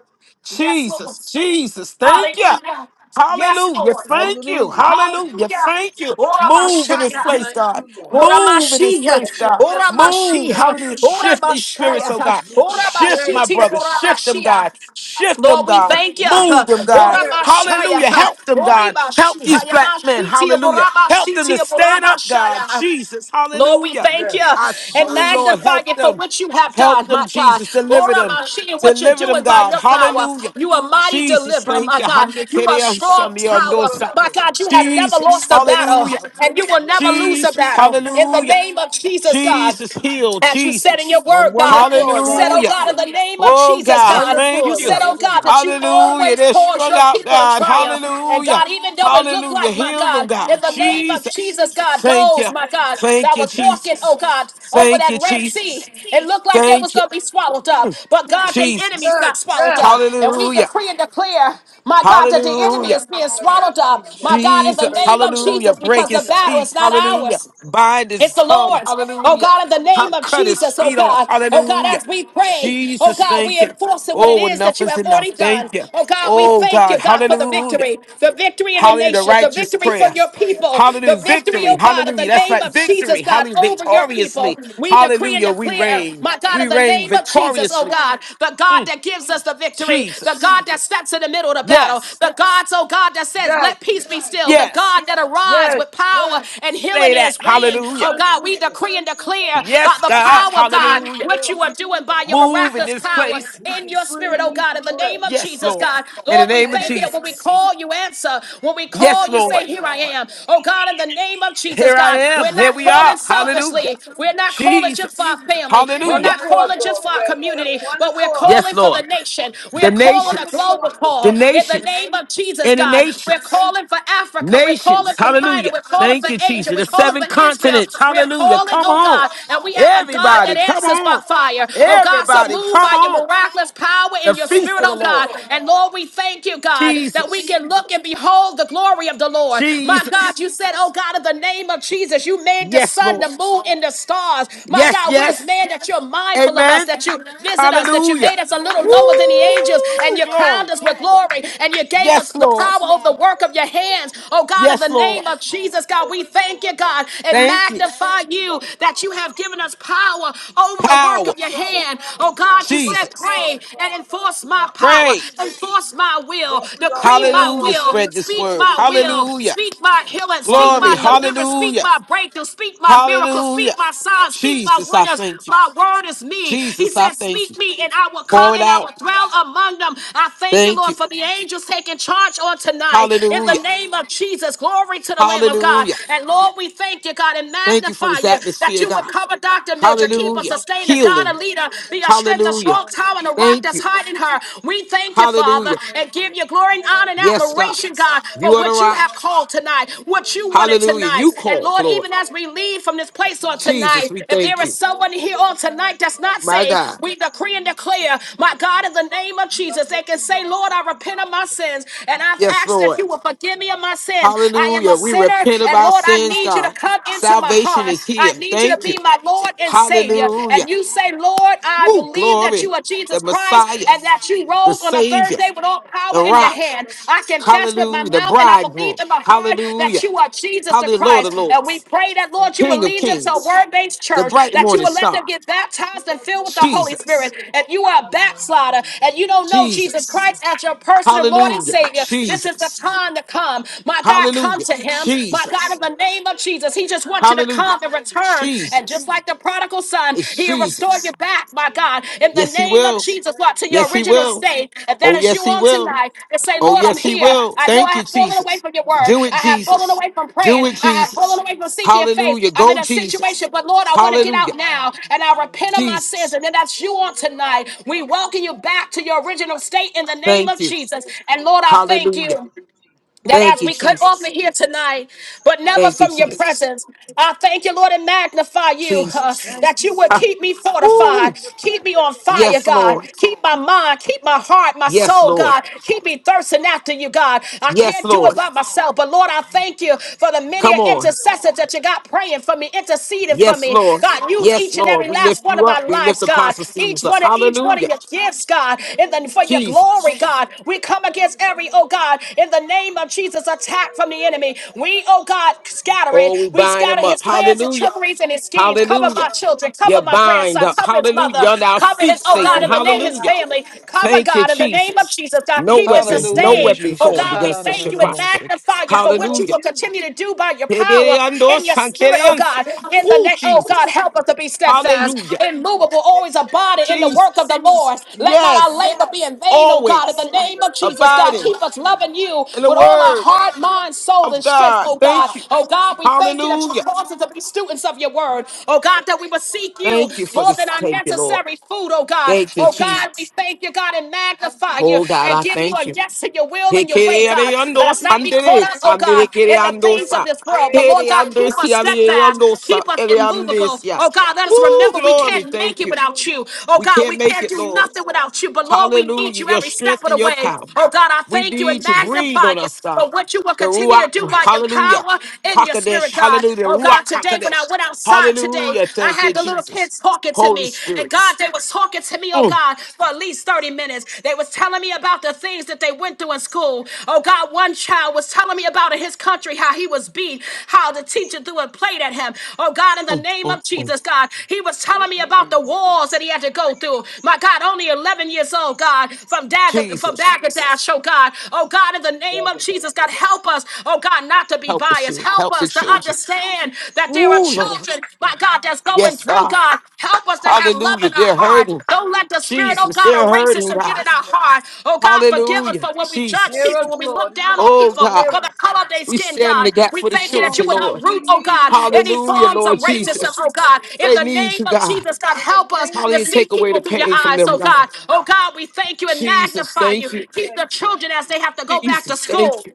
Yes, Lord. Jesus. Jesus. Thank you. Hallelujah. Yes, Hallelujah. Lord. Thank you. Hallelujah. Hallelujah. Hallelujah. Thank you. Move in this We Uramashaya. place, thank God. you, Lord. Move in this Uramashia. place, God. Uplift us, Lord. Move. Uramashia. Hallelujah. Shift these spirits, Uramashaya. oh Lord, God. move your Shift my spirit, Uramashiti. Lord. brothers. Shift them, Uramashia. God. Shift them, Lord, we God. thank Sister, you. move Move them, your God. spirit, Father Uramashaya. Hallelujah. God. Help them, God. Help Uramashia. these black men. Yamashiti. Hallelujah. Help them to Uramashiti. stand up, God. Uramashaya. Jesus. Lord, we Hallelujah. thank Yes. you I and sure, Lord, Hallelujah. magnify help you for them. what you have Help done, them, my God. Jesus. Deliver Ora them. mashi, and what you're Deliver them, doing by God. your power. Hallelujah. You are mighty Jesus, deliverer, thank my you. God. Hande You are kerean strong sonio tower, Deliver us, nosa. my Lord. God. You have never Jesus, lost a battle, hallelujah. and Uplift you us, will never Lord. lose a Jesus, battle. In the hallelujah. name of Jesus, God. Jesus, heal. As you said in your Jesus, On word, one God, you accord, said, oh hallelujah. God, in hallelujah. the name of Oh, Jesus, God, One God, you thank accord, said, you. oh God, hallelujah. that you Hallelujah. always They're cause strung your out, people to God. triumph. And Hallelujah. God, even though it looked Hallelujah. like, my Heal them, God, in God. the name of Jesus, Jesus, God, thank those, you. my God, Thank that you, was walking, Jesus. oh God, over Thank you, that Red Sea, Jesus. it looked like they was Thank you, going to be swallowed up. Mm, But God, their Jesus. enemies Yes, got swallowed yes. up. And we Hallelujah. decree and declare, my God, that the We're enemy Hallelujah. is talking about being that swallowed next up. season. My God, in the Jesus, name of Hallelujah. hallelujah. Jesus, Break because the his battle teeth, is not ours. hallelujah. Bind his It's the tongue, Lord's. Oh hallelujah. God, in the name Cut of cut his Jesus, oh feet off, God. Oh God, hallelujah. as we pray, oh Jesus, God, we thank you. enforce it what it Oh, is that enough you is have enough. already Thank done. you. Oh God, we Oh, thank God, you, God, for the hallelujah. victory. The victory in the Hallelujah, the nations, the righteous victory for prayer. your people, Hallelujah, the victory, victory. oh God, in the Hallelujah. That's name right, of victory. Jesus, God, Hallelujah, over your people. victoriously. We decree and Hallelujah, we declare, reign. my God, We in the reign name of Jesus, oh victoriously. God, the God Mm, that gives us the victory, the Jesus. God that steps in the middle of the battle, Yes, the God, oh God, that says, Yes, let peace be still, the yes. God that arrives yes. with power and Say healing in that. his this wing. We Hallelujah. Oh stand God, true, we Lord. decree and declare by Yes, the We God. power of decree and God we Hallelujah. what declare. you are doing by your Move in miraculous this power place. We in your decree spirit, and oh we God, in the declare. name of Yes, Jesus, Lord. God. In In the Lord, the we name of name thank of you that when we Jesus. Jesus. call, you answer. When we call, Yes, you Uplift us, Lord. say, Here I Lord. am. Oh God, in the name of Jesus, Here I God, we're am. Here not we calling are. Hallelujah. selfishly. We're not calling just for Jesus. our family. We're One Hallelujah. not accord, calling Lord. just for We our are in community, one but we're accord. Yes, calling for Lord. the nation. We The are calling One a nations. global accord, Lord. The call in the nations. name of Jesus, And the God. We're nations. calling for Hey, Africa. We're calling Nations. for China. Hallelujah. We're calling for Thank you, Asia angel. Jesus. We're The calling seven for Israel. continents. We're Hallelujah. calling, Come oh on. God, and we have a God Everybody, that come answers by on. fire. Oh God, so Everybody, move come by your on. miraculous power The in your feast spirit, of good the oh faith, Lord. God. Lord. And Lord, we thank you, God, that we Jesus. can look and behold the glory of the Lord. My Jesus. God, you said, oh God, in the name of Jesus, you made the Yes, sun, Lord. the moon, and the stars. My Yes, God, what is yes. man that you're mindful of us, Amen. that you visit us, that you Hallelujah. made us a Yes, little lower Lord. than the angels, and Woo! you Hallelujah. Glory. crowned us with Hallelujah. glory, and you gave us Yes, the Lord. power of the We work of thank your you, hands. Lord. Oh God, in the Yes, Lord. name We of bless Jesus. you, Jesus, God. We Lord. thank you, Hallelujah. God, and Thank you. We thank magnify you, you Lord. that you have Hallelujah. given us power over the work Power. of Give your us the hand. power, Oh, Lord. God, On you one said, Jesus. accord, pray and Father God. enforce my We thank power, Praise. you, Lord, enforce my will, that we are decree all my on Hallelujah. will, one Spread this speak accord. word. my will, Hallelujah. Hallelujah. speak my healing, speak Glory. my Hallelujah. deliverance, speak Hallelujah. my breakthrough, speak my miracles, speak Hallelujah. my signs, speak my Jesus, I wonders. thank you. My word is me. He Jesus, I said, thank you. Speak me, and I will Pour come it and I out. will dwell among them. I thank you, Thank Lord, you. for the angels taking charge on tonight. In Hallelujah. the name of Jesus, glory Glory to the Lamb of God. Hallelujah. And Lord, we thank you, God, and Thank you for magnify this you that atmosphere, you would God. cover Dr. We Mildred, bind keep her, Hallelujah. sustain her, God, a Healing. leader, be a strength, a Hallelujah. strong tower, and a rock Thank that's you. hiding her. We thank you, Father, Hallelujah. and give you glory and honor and Yes, God. admiration, God, You for are the what you rock. have called tonight, what you wanted Hallelujah. tonight. You And called, Lord, Lord. even as we leave from this place on Jesus, tonight, we if there thank is you. someone here on tonight that's not My saved, God. we decree and declare, my God, in the name of Jesus, they can say, Lord, I repent of my sins, and I've Yes, asked that Lord. you will forgive me of my sins sins. I am Hallelujah. a We sinner, repent of and our Lord, I sins, need you to God. come into my Salvation heart. is I here. need you to Thank you. be my Lord and Savior. Hallelujah. And you say, Lord, I Woo, believe that glory. you are The Jesus Christ Messiah, and that you the rose on the third Savior, day with all the power in your rock. hand. I confess with my Hallelujah. The mouth and I believe bridegroom. in my heart that Hallelujah. you are Jesus the Hallelujah, Lord of Christ. And we Lords. pray that, Lord, you will King of lead them to a Kings. word based The church, bright that you morning will let them star. get baptized and filled with the Holy Jesus. Spirit. If you are a backslider and you don't know Jesus Jesus. Christ as your personal Lord and Hallelujah. Savior, this is the Jesus. time to come. My God, come Hallelujah. to him. My Jesus. God, in the name of Jesus, he just wants you to Hallelujah. come and return. And Jesus. just like the prodigal son, It's he'll restore Jesus. you back, my God, in the Yes, he name of will. Jesus, Lord, to your Yes, he original will. state. And that Oh, is you yes, he on will. tonight and say, Oh, Lord, I'm yes, he here. will. I know I Thank you, have fallen away Jesus. from your word. Do it, I have fallen Jesus. away from Do praying. it, I have fallen Jesus. away from seeking your face. Hallelujah. I'm in Go, a Jesus. situation, but Lord, I want to get Hallelujah. out now and I repent of my sins. Jesus. And then that's you on tonight. We welcome you back to your original state in the name Thank of you. Jesus. And Lord, I thank Hallelujah. you that Thank as you, we cut off Jesus. in here tonight, but never Thank you, from your Jesus. presence, I thank you, Lord, and magnify you uh, Jesus. that you would Ha. keep me fortified, Ooh. keep me on fire, Yes, God, Lord. keep my mind, keep my heart, my Yes, soul, Lord. God, keep me thirsting after you, God. I Yes, can't do it Lord. by myself, but Lord, I thank you for the many Come on. intercessors that you got praying for me, interceding for Yes, me. Lord. God, use Yes, each and Lord. every We last lift one you of up. our We lift lives, God, Apostle each Stevens up. one of each one Hallelujah. of your gifts, God, and then for your Jesus. glory, God. We come against every, oh God, in the name of Jesus, attack from the enemy. We, oh God, scatter it. Oh, we We bind him scatter his up. plans and Hallelujah. trickeries and his schemes. Cover my Hallelujah. children. You Cover my bind grandson. up. Cover his Hallelujah. mother. You're on our Cover his, feet, oh God, Satan. in the them, name, Lord. his Hallelujah. family. Hallelujah. Cover Thank you, God, in the name of Jesus. Jesus. God, No keep and weapon, no Hallelujah, sustain. weapon Oh Jesus. formed God, we against us thank shall you and prosper. Ha-da-da-da-da-bo-shake. magnify you for what you Hallelujah. will continue to do by your power in your spirit, oh God. In the Oh, name, oh God, Jesus. help us to be steadfast, Hallelujah. immovable, always abiding in the work of Jesus. the Lord. Let not our Yes. labor be in vain, oh God. In Always the name of Jesus, God, abiding keep us loving you in the with all all our word. heart, mind, soul, of and strength, God. oh God. Thank you. Oh God, we thank you that you Hallelujah. caused us to be students of your word. Oh God, that we will seek you Thank you for more than this. our Thank you, Lord. necessary food, oh God. Thank you, Oh God, we Jesus. thank you, God, and magnify you Oh God, and I give you thank a you. yes to your will and your way, God. Let Hekereando us not be caught sandere, up, oh God, sandere in the kereando things of sa. this world. But Lord God, keep us Hereandesia, steadfast, leando Hallelujah. sa, keep us immovable. eleandesia. Oh God, let us Woo, remember we glory. can't make Thank it you. without you. Oh We God, can't we make can't it, do Lord. nothing without you. But Lord, we need Hallelujah. you Your every step strength of the and your way. power. Oh God, I We thank you and need to breathe magnify on us, you God. for what you will The continue Ruach, to do by your hallelujah. power and your Hakadesh, spirit, God. hallelujah. Oh Ruach God, today when I Hakadesh. went outside today, Hallelujah. I Thank you, had the little Jesus. kids talking to Holy me. And Spirit. God, they was talking to me, oh Mm, God, for at least 30 minutes. They was telling me about the things that they went through in school. Oh God, one child was telling me about in his country how he was beat, how the teacher threw a plate at him. Oh God, in the mm, name mm, of mm. Jesus, God, he was telling me Mm-mm-mm. about the wars that he had to go through. My God, only 11 years old, God, from Dag from Jesus, Dagadash, oh God. Oh God, in the Hear name of Jesus. Jesus. God, help us, oh God, not to be help the biased. children. Help Help the us to children. understand that there are Ooh, Lord. children, my God, that's going Yes, through, God. God. Help us to have love Hallelujah. in our They're hearts. hurting. Don't let the spirit, oh Jesus, God, they're of hurting, racism get God. in our heart. Oh God, forgive us Hallelujah. for when we judge Jesus. people, us, when we Lord. look down on Oh, Hallelujah. people God. Hear for the us. color of their We skin, stand in God. the gap We for the thank you that Lord you children, would Jesus, Lord. we uproot, oh need God, you, Lord. any We Hallelujah, forms of Lord need you, racism, Jesus. Lord. oh God. Hallelujah. In They the need name you, of God. Jesus, God, In the help us name of to Hallelujah. see Take away people the Jesus, through we your pain from need eyes, them, you, oh God. God. Lord. Oh God, we thank you and Jesus, magnify thank you. you. Keep the children as they have to go back to Jesus, thank school. you.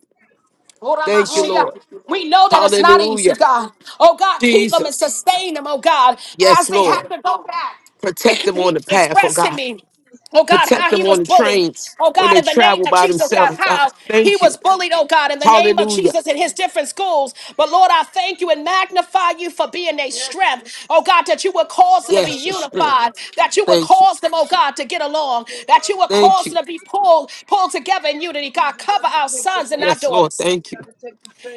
Thank you, Oh, Lord. Oramashiach. We know that it's not easy, Hallelujah. God. Oh God, keep them and Jesus. sustain them, oh God, as Yes, they Lord. have to go back. Protect them *clears throat* on He the path, oh expressed to God. me, oh God, how Protect them he on was the bullied. trains Oh when God, they in the name travel of by Jesus, oh God, themselves. God, how he thank was you. bullied, oh God, in the name of Hallelujah. Jesus in his different schools. But Lord, I thank you and magnify you for being a yes. strength. Oh God, that you would cause them to be Yes, your strength. unified, that you would Thank you. cause them, oh God, to get along, that you would Thank cause you. them to be pulled, pulled together in unity. God, cover our sons and our Yes, Lord. daughters. Thank you.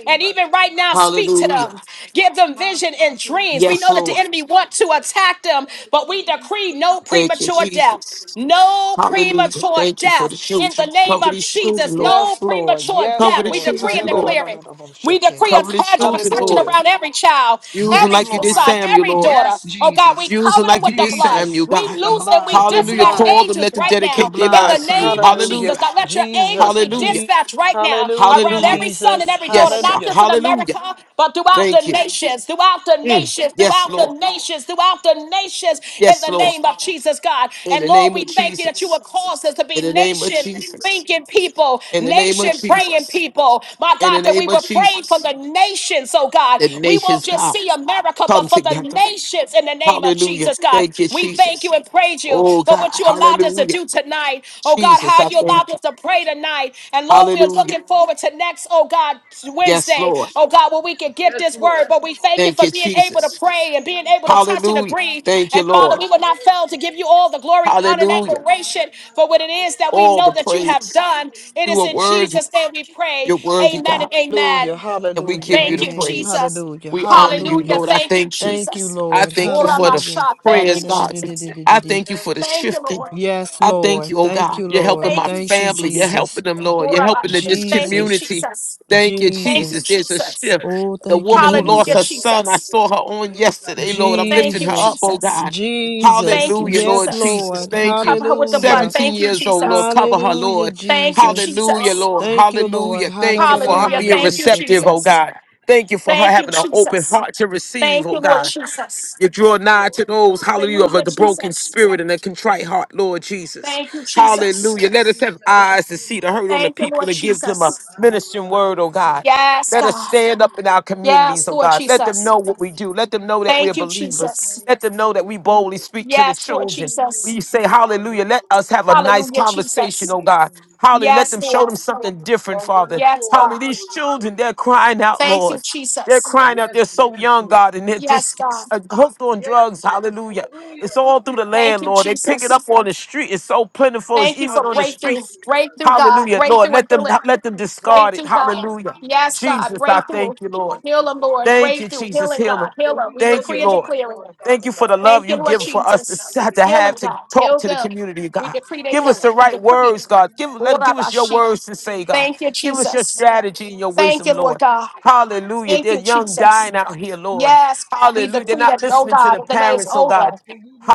And even right now, speak to Hallelujah. them. Give them vision and dreams. We Yes, know that the Lord. enemy wants to attack them, but we decree no Thank you, premature death. Jesus. No Hallelujah. premature Thank you for death. the In the children. name Cover of these Jesus, children, Lord. no Yes, Lord. premature Yes, Cover death. the We Lord. decree children, and Lord. declare it. We Ha-da-da-da-da-da-bo-shake. decree a Cover the hedge of children, protection Lord. Hallelujah. around every child, Use them Yes, every like you did Lord. son, Samuel, every Lord. Yes, daughter. Oh God, we Jesus. Use them cover them like you with the did blood. Samuel, Jesus, We with God. the loose and we blood, the Hallelujah. dispatch blood. Call them, angels let them right The now dedicate their in the blood. lives name to you. name of Jesus. Hallelujah. Hallelujah. God, let your angels Jesus. be Hallelujah. Je- dispatched right now Hallelujah, around Hallelujah. every son and Jesus. every daughter, Yes, God. not Hallelujah. just in hallelujah. America, but throughout the Thank you. nations, throughout the Mm. nations, Yes, throughout the Lord. nations, throughout the nations, in Yes, the Lord. name of Jesus, God. In And the Lord, name of we thank you that you would Jesus. cause us to be In the name of nation Jesus. thinking people, In the name of nation praying Jesus. people. My In God, the that we name of were praying for Jesus. the nations, oh God. The We won't nations, just God, see America, come but for the together nations in the name name of Hallelujah. Jesus, God. Thank you, We thank you Jesus. and praise you Oh for God, what you allowed us to hallelujah. do tonight. Oh God, Jesus, how I you thank allowed us you. to pray tonight. And Lord, we are Hallelujah. looking forward to next, oh God, Yes, Wednesday, Lord. oh God, where we can get Yes, this word. Lord. But we thank you Thank for you, being able to Jesus. pray and being able to touch and Hallelujah. agree. Thank you, And Father, Lord. we will not fail to give you all the glory, honor, and Hallelujah. admiration for what it is that we All know the that you have praise. done. It You is are in worthy. Jesus' name we pray. You're worthy, Amen God. and amen. Hallelujah. And we Hallelujah. give you Thank the you, Amen. praise. Jesus. Hallelujah. We honor you, Hallelujah. Hallelujah. Lord. I Thank you, thank you. Thank you, Jesus. I Lord. thank you for the Hallelujah. Uramasha. Thank prayers, you, God. Jesus. I Hallelujah. thank you for the Thank you, shifting. Lord. Yes, I thank Lord. you, oh Thank God. you, You're Lord. helping my Thank you, Thank you, family. You're Jesus. Jesus. helping them, Lord. You're helping the, this Urabashi. Thank you, Jesus. community. Jesus. Thank you, Thank you, Jesus. Jesus. There's a Jesus. shift. Oh, The thank you, woman who lost Hallelujah, her Jesus. son, I Jesus. saw her on yesterday, Lord. I'm Thank lifting you, her up, Jesus. oh Jesus. God. Jesus. Thank you, Hallelujah, Yes, Lord Jesus. Jesus. Lord. We Thank you. cover her with the blood. Hallelujah. 17 Thank you, years old, Lord. Jesus. Cover her, Hallelujah, Lord. Thank you, Jesus. Hallelujah, Cover Jesus. Lord. us. Thank you, Lord. Hallelujah. Thank you for her Hallelujah. being Thank you, receptive, Ha-da-da-da-da-da-da-da-shake. oh Jesus. God. Thank you for her Thank you, having an open Jesus. heart to receive, Thank oh you, Lord God. Jesus. You draw Yes, nigh Lord. to those, hallelujah, of Hallelujah, the broken Jesus. spirit and the contrite heart, Lord Jesus. Thank you, Jesus. Hallelujah. Yes, Let us have Jesus. eyes to see the hurt on the Thank you, people Lord and give them a Jesus. ministering word, oh God. Yes, Let us God. stand up in our communities, Yes, oh Lord God. Let them Jesus. know what we do. Let them know that we are Thank you, believers. Jesus. Let them know that we boldly speak to the Yes, Lord children. Jesus. We say hallelujah. Let us have a nice Hallelujah, conversation, Jesus. oh God. Hallelujah. Let Yes, them show Lord. them something different, On one Father. Yes, accord. Hallelujah. God. These Hallelujah. children, they're crying out, Thank Lord. you, They're Jesus. crying out. Yes, They're Lord. so young, God, and they're Yes, just God. uh, hooked on Yes, drugs. Lord. Hallelujah. It's Hallelujah. all through the Thank land, you, Lord. They pick it Jesus. up on the street. It's so plentiful. It's Thank you even for on the Hallelujah, breakthrough. streets. Jesus. Breakthrough, God. Hallelujah, Lord. Breakthrough and Let them healing. let them Right discard through it. Breakthrough, it, God. Lord. Hallelujah. Hallelujah. Yes, God. We Jesus, I thank Breakthrough. uplift you, it, Lord. Lord Heal them, Jesus. Lord. Thank Hallelujah. you, Breakthrough. Jesus. Healing, Heal God. them. Heal But them. you We know Thank you, decree their and Lord. needs, declare Lord it. Thank Father you for the God. love You Thank you, you know Lord give their for us needs, Jesus. to have to hallelujah. have Healing, to God. talk Heal to the them. community, We God. decree they Give us healing. the We right decree it. words, God. Give let give us your Orabashi. words to say, God. Thank you, Give us your Jesus. strategy and your Thank wisdom, you, Lord Lord. God. Hallelujah. Thank you, There's young Jesus. dying out here, Lord. Yes, we Hallelujah. They're decree not that, oh listening to God, the the day is parents, oh God. over.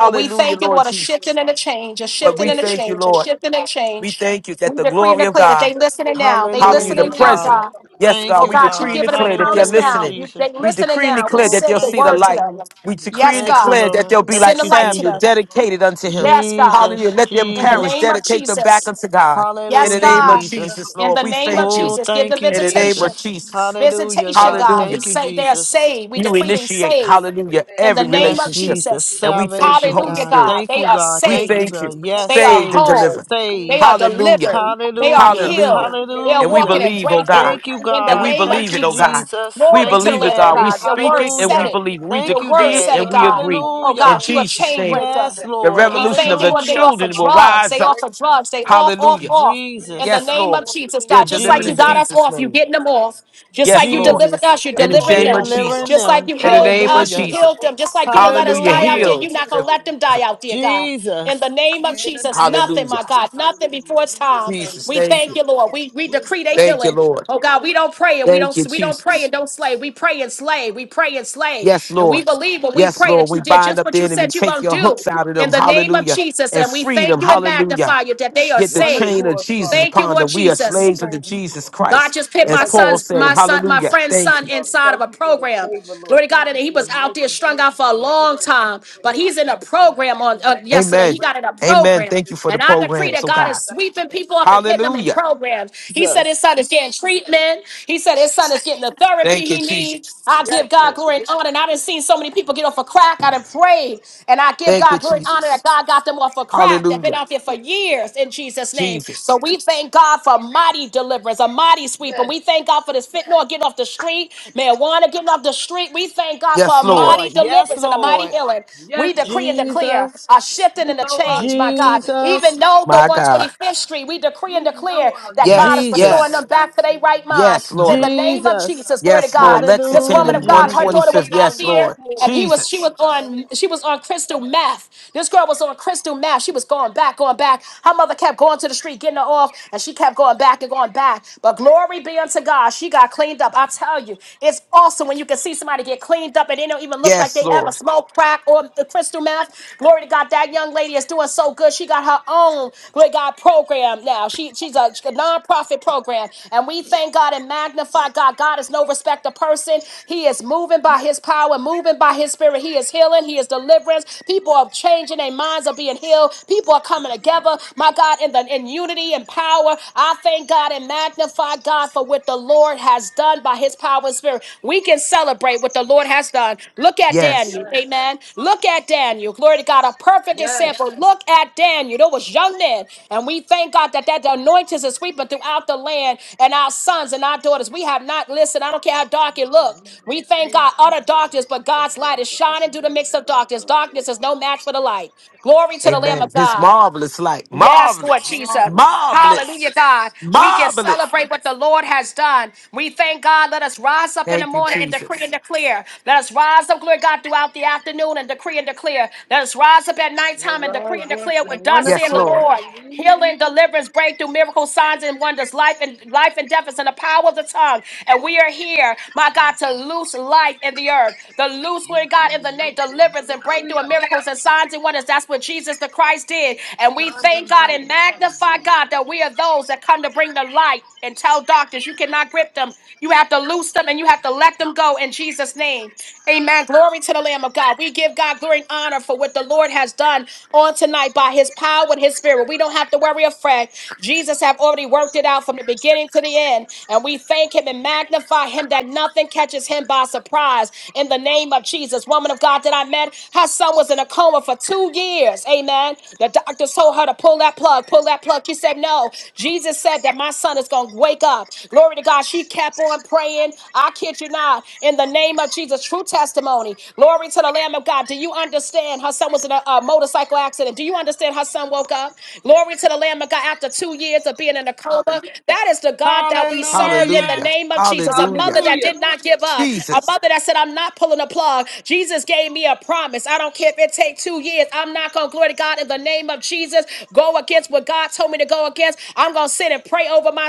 But we thank you, Lord Lord, a Jesus. shifting and a change, a But shifting we and a thank you, change, a Lord. shifting and a We change. thank you that We the decree and glory of declare that God they listening now. They Hallelujah. The Hallelujah, listening now, God. present. God. Yes, Thank Oh God. you, We God, you decree God. and giving them declare that they're encounters Hallelujah, now. listening. You, they Jesus. We listening decree and now. We declare Oh, that they'll send the see thank the you, word to light. them. Lord. We decree Yes, and Thank you, God. declare that Lord. they'll be like Send Thank the you, light to Samuel, Jesus. them. dedicated unto him. Yes, God. Hallelujah. Jesus, Let them In the parents name Jesus. of dedicate them back Jesus. unto God. In Yes, the Hallelujah, name of God. Jesus. Jesus, In Lord, the we name of thank you. Oh, Jesus. Give the thank you, In the name visitation. of Jesus. Jesus. Hallelujah, Visitation, God. God. Hallelujah. We Thank you, say they are Jesus. saved. We You decree they initiate, saved. hallelujah, In the every name of Yes, relationship. Jesus. Jesus. And we thank you, Salvation, Holy Hallelujah, God. Spirit. God. Thank They you, are God. We Thank you, saved. thank God. you. Yes, They are Saved and saved. whole. delivered. They Saved. are Hallelujah. delivered. They are Hallelujah. Hallelujah. healed. They are And we walking Hallelujah. in believe, oh God. breakthrough Thank you, in the And we God. name of Thank believe it, you, oh God. Jesus. Jesus. We Glory Thank to you, the believe it, Lamb of God. We Daddy. God. Your speak word it and said we Hallelujah. it. believe it. We Your Thank you, word decree The it said and it, Daddy. blood we that God. agree. Oh, covers, In Hallelujah. God, Lord, you a the one Jesus' chain that name, put us Yes, breaker. at the peace, Lord. And Lord we Father. revolution of thank you, the Lord. They Hallelujah. offer children will Father God, we drugs. rise They up. break offer these drugs. They off, curses, off, Hallelujah. Lord. off. We In the Yes, Jesus. name renounce Lord. of all the Jesus, They're things God, of just delivered like God. you in got Jesus. us Jesus' So off, you it's name. in getting the them name off. of Jesus, Just like Yes, Lord. you Lord. delivered Jesus. We us, you're are In the delivering calling name of you, them. Lord, on Delivering Just Jesus. one like them. you In the accord, healed name Lord. of us, you We Hallelujah. are Jesus. healed them. all Just in like you didn't let one us Hallelujah. die accord, out there, Hallelujah. you're one Healed. not going to let accord. them die out there, God. In the Jesus. name of In the Jesus, name of nothing, Hallelujah. my Jesus, God, nothing hallelujah. before it's We just time. thank Jesus, you, We thank Lord. thank you. you, Lord. We, we We decree they thank Thank you, healing. you, Lord. Lord. Oh God, we don't pray and we Thank don't you, we don't pray Jesus. and don't slay. We pray and slay. We pray and slay. Yes, And we Lord. believe when we Yes, pray Lord. that We you did bind just up the what you enemy. said you're Take gonna your hooks do out of in them. the name of Hallelujah. Jesus. And And we free them. thank you and Hallelujah. magnify you that they are Get the One saved. chain of accord, Jesus Father Thank God. you, upon Lord them. We are We Jesus. slaves unto thank you, Jesus Lord. Christ. God just put We As my Paul son's, uplift your said, my name, son, my Hallelujah. Lord friend's Jesus. Thank son you. Father, inside of thank a you for the program. favor, Lord. Glory to Thank God. And you for he the was out there mercy. strung Thank you out for for a the long joy. Thank time, you for the but he's in a happiness, Lord. program on uh, Thank you for yesterday. He Amen. got in a breaking Amen. program. Thank the you for the And I creed, decree program. Lord. that So, God God. is Thank you sweeping for people up and putting them breaking. in Hallelujah. programs. He said his son is getting treatment. He said his son is getting the therapy Thank you, he Jesus. needs. I Yes, give God Lord. glory and honor. And I didn't see so many people get off of crack. I done prayed. And I give Thank you, God glory and honor that Jesus. God got them off of crack. They've been Hallelujah. out there for years in Jesus' name. So Jesus. we thank God for mighty deliverance, a mighty sweep. And Yes. we thank God for this fentanyl getting off the street, marijuana getting off the street. We thank God for Yes, a Lord. mighty Lord. Yes, deliverance and a mighty Lord. healing. We Yes, Lord. decree and declare Jesus, a shifting You and a know I change, my need you. God. Even Jesus, though the My God. 125th Street, we decree and declare that God is Yes, restoring Jesus, them yes, back to their right mind. yes, In Lord. the name of Jesus. Jesus, glory to Yes, God. Lord. This Lexington Hallelujah, woman and of God, her Jesus. daughter was 125th. out Yes, there Lord. and he was she Jesus. was on she was on crystal meth. This girl was on crystal meth. She was going back, going back. Her mother kept going to the street, getting her off, and she kept going back and going back. But glory be unto God, she got cleaned up. I tell you, it's awesome when you can see somebody get cleaned up and they don't even look like Yes, they ever Lord. smoked crack or the crystal meth. Glory to God, that young lady is doing so good. She got her own. Glory to God program program now. She she's a, a nonprofit program, and we thank God and magnify God. God is no respecter person. He is moving by His power, moving by His Spirit. He is healing. He is deliverance. People are changing their minds, are being healed. People are coming together. My God, in the in unity and power, I thank God and magnify God for what the Lord has done by His power and Spirit. We can celebrate what the Lord has done. Look at Yes. Daniel. Yes. Amen. Look at Daniel. Glory to God. A perfect Yes. example. Look at Daniel. There was young men. And we thank God that that anointing is sweeping throughout the land and our sons and our daughters. We have not listened. I don't care how dark it It's not of looked. We the thank age, God. you, Utter Lord. darkness, but The God's light love is that you shining can through the have mix for of God darkness. over Darkness is all no match for the light. Glory to the Lamb this. Amen. of His God. marvelous light. Yes, Lord Marvelous. Jesus. Marvelous. Hallelujah, Marvelous. God. We can Marvelous. celebrate what the Lord has done. We thank God. Let us rise up in the Thank you, morning and decree and Jesus. declare. Let us rise up, glory God, throughout the afternoon and decree and declare. Let us rise up at nighttime Now and decree and rise up declare in what one thus said Yes, the accord. Lord. Lord. Hallelujah. Healing, deliverance, breakthrough, miracles, signs, and wonders, life and life and death is in the power of the tongue. And we are here, my God, to loose life earthquake in the earth. The loose word, God, in the name, deliverance and breakthrough and Hallelujah. miracles and signs and wonders. That's what Jesus the Christ did. And we Signs thank and God and wonders. magnify Hallelujah. God that we are those that come to bring the light and tell doctors you cannot grip them. You have to loose them and you have to let them go in Jesus' name. Amen. Glory to the Lamb of God. We give God glory and honor for what the Lord has done on tonight by his power and his spirit. We don't have to worry afraid. Jesus have already worked it out from the beginning to the end. And we thank him and magnify him that nothing catches him by surprise. In the name of Jesus, woman of God that I met, her son was in a coma for two years. Amen. The doctor told her to pull that plug, pull that plug. She said, No. Jesus said that my son is going to wake up. Glory to God. She kept on praying. I kid you not. In the name of Jesus, true testimony. Glory to the Lamb of God. Do you understand? Her son was in a, a motorcycle accident. Do you understand? Her son woke up. Glory to the Lamb of God after two years of being in a coma. That is the God that we serve in the Hallelujah. name of Jesus. A Hallelujah. mother that Hallelujah. did not give up. A Jesus. mother that said, I'm not pulling the plug. Jesus gave me a promise. I don't care if it take two years. I'm not going to, glory to God, in the name of Jesus, go against what God told me to go against. I'm going to sit and pray,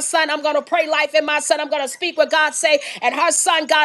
son. I'm going to pray life.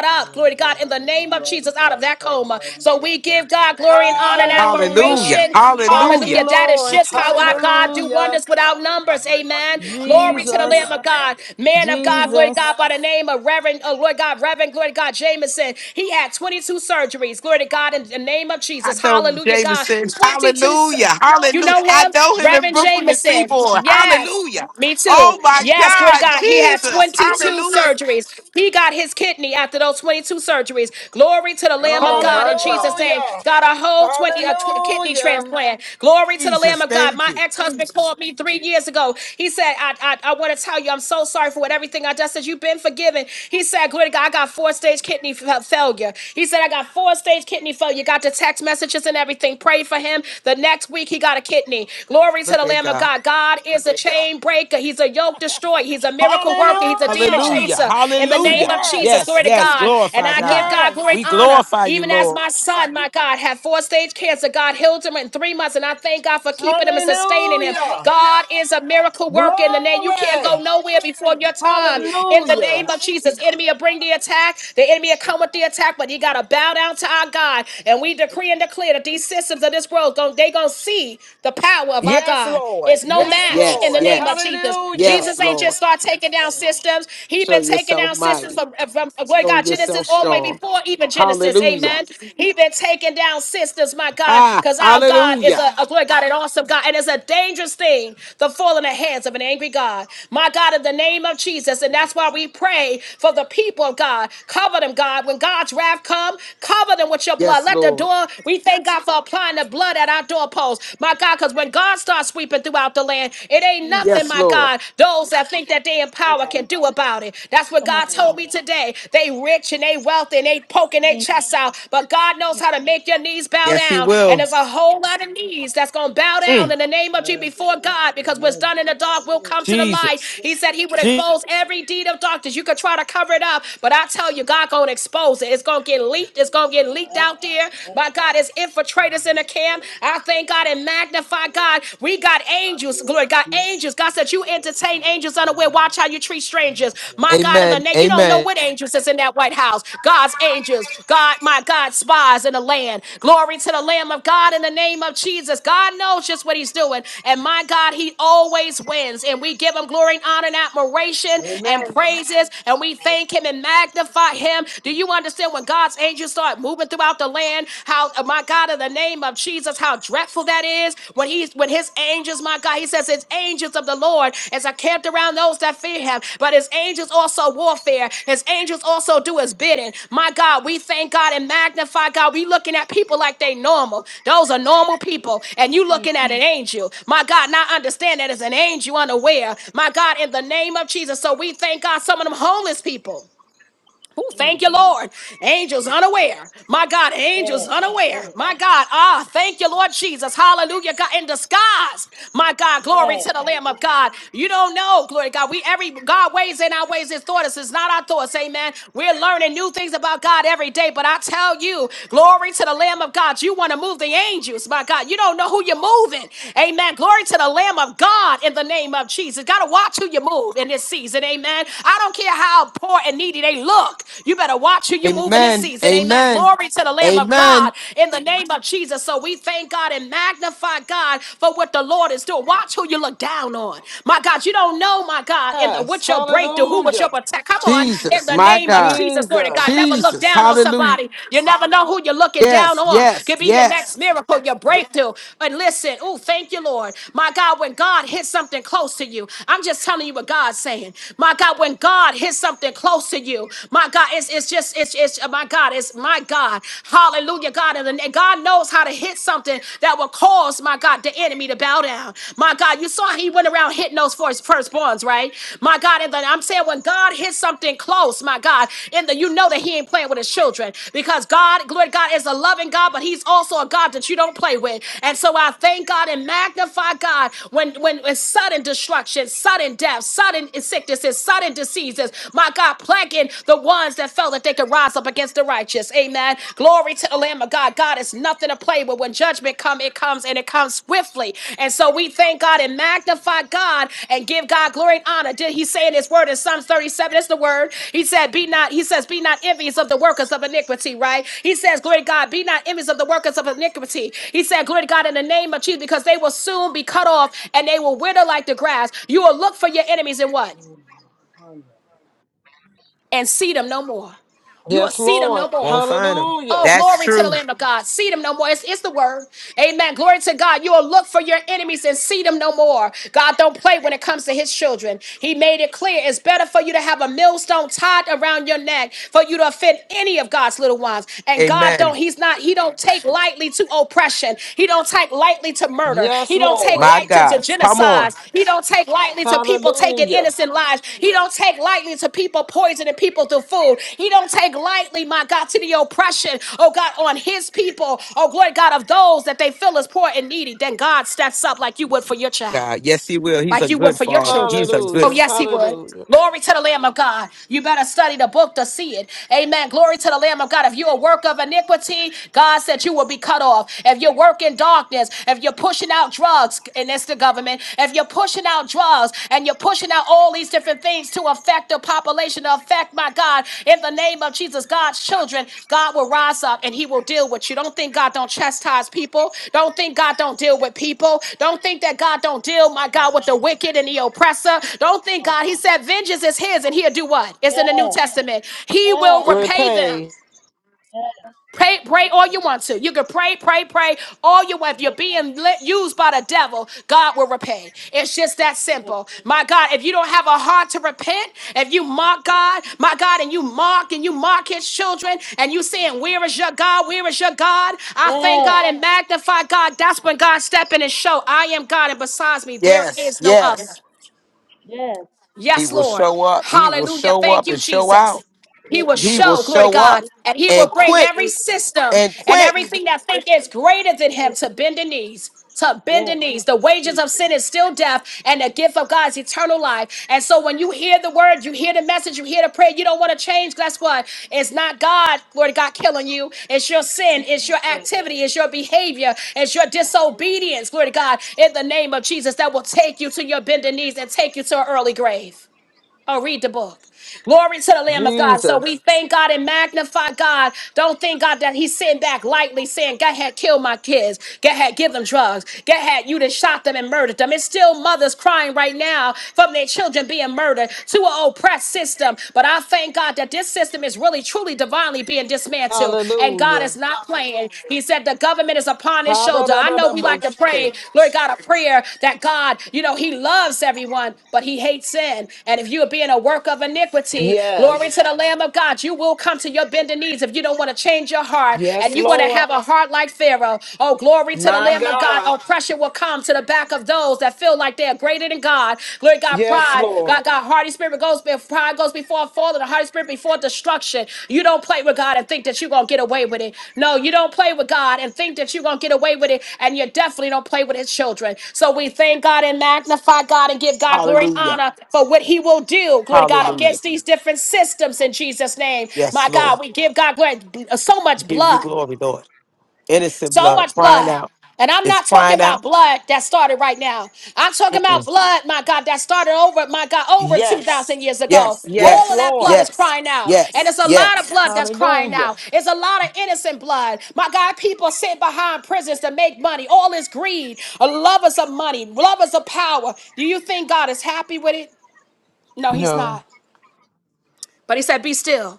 I am the vine and you are the branch. Father God, we So just thank you that I on and am the Hallelujah. Hallelujah. vine. Son. Thank you, Hallelujah. You Lord. said, out. God, see, I am Hallelujah. the vine and you are the branch. Glory to the Lamb Jesus, of Hallelujah. God. Man of God, glory to Jesus. God, by the name of Reverend, oh Lord God, Reverend, glory to God, Jameson. He had 22 surgeries. Glory to the name of I Jesus. know Hallelujah, God. Jameson. 22 sur- Hallelujah. Hallelujah. know I him, know him in Reverend Brooklyn and Jameson. Seaboard. Yes. Hallelujah. Me Oh too. my Yes, glory to God. God. He had Jesus. 22 Hallelujah. surgeries. He got his kidney after those 22 surgeries. Glory to the Lamb of Oh, God my in God. Jesus' name. Hallelujah. Got a whole 20 a tw- kidney Hallelujah. transplant. Glory to the Lamb Jesus. of God. Thank My you. ex-husband called me three years ago. He said, I, I, I want to tell you, I'm so sorry for what everything I done I said. you've been forgiven. He said, glory to God, I got four-stage kidney fa- failure. He said, I got four-stage kidney failure. Got the text messages and everything. Pray for him. The next week, he got a kidney. Glory to Look the at Lamb Lamb of God. God. God is a chain breaker. He's a yoke destroyer. He's a miracle worker. He's a demon Hallelujah. Hallelujah. chaser. In the name Hallelujah. of Yes. Jesus, Yes, glory to yes. God. And Glorify I give God. God glory Yes. and We honor. glorify you, Even as Lord. my son, my God, had four stage cancer, God healed him in three months. And I thank God for keeping him and sustaining him. Hallelujah. God is a miracle worker in the name. You can't go Glory. nowhere before your time. Glory. In the Yes. Hallelujah. name of Hallelujah. Jesus, enemy will bring the attack. The enemy will Great come with God. the attack, but you got to bow down to our God. And we Great decree and God. declare that these systems of this world, gon- they going to cease see the power of our Yes, God. Lord. It's Hallelujah. no Yes, Yes, match in yes, the Lord. name of Yes. yes. Jesus. Hallelujah. Yes. Yes, Jesus ain't Lord. just start taking down Yes. systems. He Show been taking yourself down systems Yes. mighty. from, uh, from Lord Show God Yes. Yes. yourself Genesis all the way strong. before even Genesis. Hallelujah. Amen. He been taking down systems, my God, Ah, because our God is hallelujah. a, a Lord God, an awesome God, and it's a dangerous thing to fall in the hands of an angry God. My God, in the name of Jesus, and that's why we pray for the people of God. Cover them, God. When God's wrath come, cover them with your blood. Yes, Let the Lord. door. We thank God God, for applying the blood at our doorposts. My God, because when God starts sweeping throughout the land, it ain't Mm. nothing, Yes, my Lord. God, those that think Thank that they you, in power can Nobody. do about it. That's what Come God on told now. me today. They rich and they wealthy and they poking their Mm. chests out, but God knows Mm. how to make your knees bow Yes, He down. And will. there's a whole lot of knees that's going to bow down Mm. in the name of Jesus Yes, Yes, it before is. God because what's amen. done in the dark It will is. come to the light. To Jesus. the He said light. he would Je- expose Hallelujah. every deed of darkness. You could try to cover it up, but I tell you, God going to expose it. It's going to get leaked. It's going to get leaked leaked Yes. out there. Yes. My God, as infiltrators in the camp, I thank God and magnify God. We got I angels, bear glory, God, two angels. God said, You Hallelujah. entertain Thank you, hearts angels Lord. from unaware. you. Watch how you treat You strangers. can My see God, in the Amen. us. name, you don't know Amen. what angels is in that White House. God's angels, God, my God, spies in the land. Glory to the Lamb of God in the name of Jesus. God knows just what He's doing. And my God, He always wins. And we give Him glory and honor and admiration and Amen. praises. And we thank Him Hallelujah. and magnify Him. Do you understand? understand when God's angels start moving throughout the land, how uh, Thank my God, in the name of Jesus, how dreadful that is when he's when his angels, my God, he says his angels of the Lord as I camped around those that fear him, but his angels also warfare, his angels also do his bidding. My God, we thank God and magnify God. We looking at people like they normal. Those are normal people, and you looking you. at an angel. My God, not understand that it's an angel unaware. My God, in the name of Jesus. So we thank God, some of them homeless people. Ooh, thank Mm. you, Lord. Angels Thank you. unaware. My God, angels Yes. Yes. unaware. Yes. My God, ah, thank you, Lord Jesus. Hallelujah. God in disguise. My God, glory Yes, to the Lamb of hallelujah. God. You don't know, glory to God. We every God ways in our ways, his thoughts is not our thoughts. Amen. We're learning new things about God every day. But I tell you, glory to the Lamb of God. You want to move the angels, my God. You don't know who you're moving. Amen. Glory to the Lamb of God in the name of Jesus. Gotta watch who you move in this season. Amen. I don't care how poor and needy needy. They look. You better watch who you move in this Amen. season. Amen. Amen. Glory to the Lamb of Amen. God in the name of Jesus. So we thank God and magnify God for what the Lord is doing. Watch who you look down on. My God, you don't know, my God, in the Yes. what your breakthrough, who was Hallelujah. your protect? Come on, in Jesus, the my name of God. Jesus, Lord of Jesus. God. Never look Jesus. down on Hallelujah. somebody. You never know who you're looking down Yes, on. yes, Could be your next yes. miracle, your breakthrough. But listen, oh, thank you, Lord. My God, when God hits something close to you, I'm just telling you what God's saying. My God, when God hits is something close to you. My God, it's it's just it's it's uh, my God, it's my God. Hallelujah, God. And and God knows how to hit something that will cause my God the enemy to bow down. My God, you saw he went around hitting those for his firstborns, right? My God, and then I'm saying when God hits something close, my God, and the, you know that he ain't playing with his children because God, glory to God, is a loving God, but he's also a God that you don't play with. And so I thank God and magnify God when when, when sudden destruction, sudden death, sudden sickness, sudden cutting diseases. My God, plaguing the ones that felt that they could rise up against the righteous. Amen. Glory to the Lamb of God. God is nothing to play with. When judgment comes, it comes and it comes swiftly. And so we thank God and magnify God and give God glory and honor. Did he say in his word in Psalms 37? It's the word. He said, Be not, he says, Be not envious of the workers of iniquity, right? He says, Glory to God, be not envious of the workers of iniquity. He said, Glory to God in the name of Jesus, because they will soon be cut off and they will wither like the grass. You will look for your enemies in what? and see them no more. You will Yes, see them Lord. no more. Won't find him. Oh, Hallelujah. That's glory to the true. Lamb of God. See them no more. It's, it's the word. Amen. Glory to God. You will look for your enemies and see them no more. God don't play when it comes to his children. He made it clear it's better for you to have a millstone tied around your neck for you to offend any of God's little ones. And God don't, Amen. he's not, he don't take lightly to oppression. He he don't take lightly to murder. Yes, He don't take Lord. My lightly to, to God. Come on. genocide. He don't take lightly to people taking Hallelujah. innocent lives. He don't take lightly to people poisoning people through food. He don't take lightly, my God, to the oppression, oh God, on his people, oh glory God, of those that they feel is poor and needy. Then God steps up like you would for your child God. Yes, he will. He's a like you would good for your father. He's children. a good. Oh, Hallelujah. yes, he would. Hallelujah. Glory to the Lamb of God. You better study the book to see it. Amen. Glory to the Lamb of God. If you're a work of iniquity, God said you will be cut off. If you work in darkness, if you're pushing out drugs, and it's the government, if you're pushing out drugs and you're pushing out all these different things to affect the collective population to affect, my God, in the name of Jesus, God's children, God will rise up and he will deal with you. Don't think God don't chastise people. Don't think God don't deal with people. Don't think that God don't deal, my come. God, on. with the wicked and the oppressor. Don't think on. God, he said vengeance is his and he'll do what? It's in the New Yes, Testament. He yes, will repay them. Repay. yes, Pray, pray all you want to. You can pray, pray, pray all you want. If you're being lit, used by the devil, God will repay. It's just yes, that yes. Yes, yes, yes. simple. My God, if you don't have a heart to repent, if you mock God, my God, and you mock and you mock his children, and you saying, Where is your God? Where is your God? I thank God yes. and magnify God. That's when God step in and show, I am God, and besides me, there Yes, is no other. yes. mm, yes. He Thank Yes, you, will Lord. Lord. show Thank up. He you, Lord. will Hallelujah. show Thank up you, and show Jesus. out. He Yes, will he He will show, will. glory Yes, to show he up God, do. and he and will bring quick every do. system and and Yes, quick. he do. everything that think is Quickly. greater than him Quick. to bend the knees. To bend Yes. the knees. The wages He of sin is still death, and the gift of God is eternal life. And so when you hear the word, you hear the message, you hear the prayer, you don't want to change. Guess what? It's not God, glory to God, killing you. It's your can. sin, it's your Yes. it's activity, it's your behavior, it's your disobedience, glory to God, in the name of Jesus, that will take you to your bended knees and take you to an early grave. Oh, read the book. Glory to the Lamb of God. So we Jesus. thank God and magnify God. Don't think God that He's sitting back lightly saying, Go ahead, kill my kids. Go ahead, give them drugs. Go ahead, you done shot them and murdered them. It's still mothers crying right now from their children being murdered to an oppressed system. But I thank God that this system is really, truly, divinely being dismantled. And God is Hallelujah. not playing. He said, The government is a is upon his shoulder. I know we like to Hallelujah. pray, Lord God, a prayer that God, you know, he loves everyone, but he hates sin. And if you are being a work of iniquity, glory Yes. to the Lamb of God, you will come to your bending knees if you don't want to change your heart Yes, and you want to Lord. have a heart like Pharaoh. Oh, glory to the My Lamb of God. God. Oppression will come to the back of those that feel like they're greater than God. Lord God, Yes, pride, God, Lord. God, God, hardy spirit goes before pride goes before a fall, and the hardy spirit before destruction. You don't play with God and think that you're gonna get away with it. No, you don't play with God and think that you're gonna get away with it, and you definitely don't play with his children. So we thank God and magnify God and give God glory and Hallelujah. honor for what he will do, glory to God, Hallelujah. against these different systems in Jesus' name. Yes, My God, Lord. we give God glory so much Give you blood. glory, Lord. Innocent So blood much crying blood. out. And I'm It's not talking crying out. about blood that started right now. I'm talking about Mm-mm. blood, my God, that started over, my God, over Yes. 2,000 years ago. Yes, Yes, All of yes, that blood Lord. is yes, crying out. And yes, it's a lot yes. of blood that's crying Hallelujah. out. It's a lot of innocent blood. My God, people sit behind prisons to make money. All is greed, lovers of money, lovers of power. Do you think God is happy with it? No, he's No. not. But he said, Be still.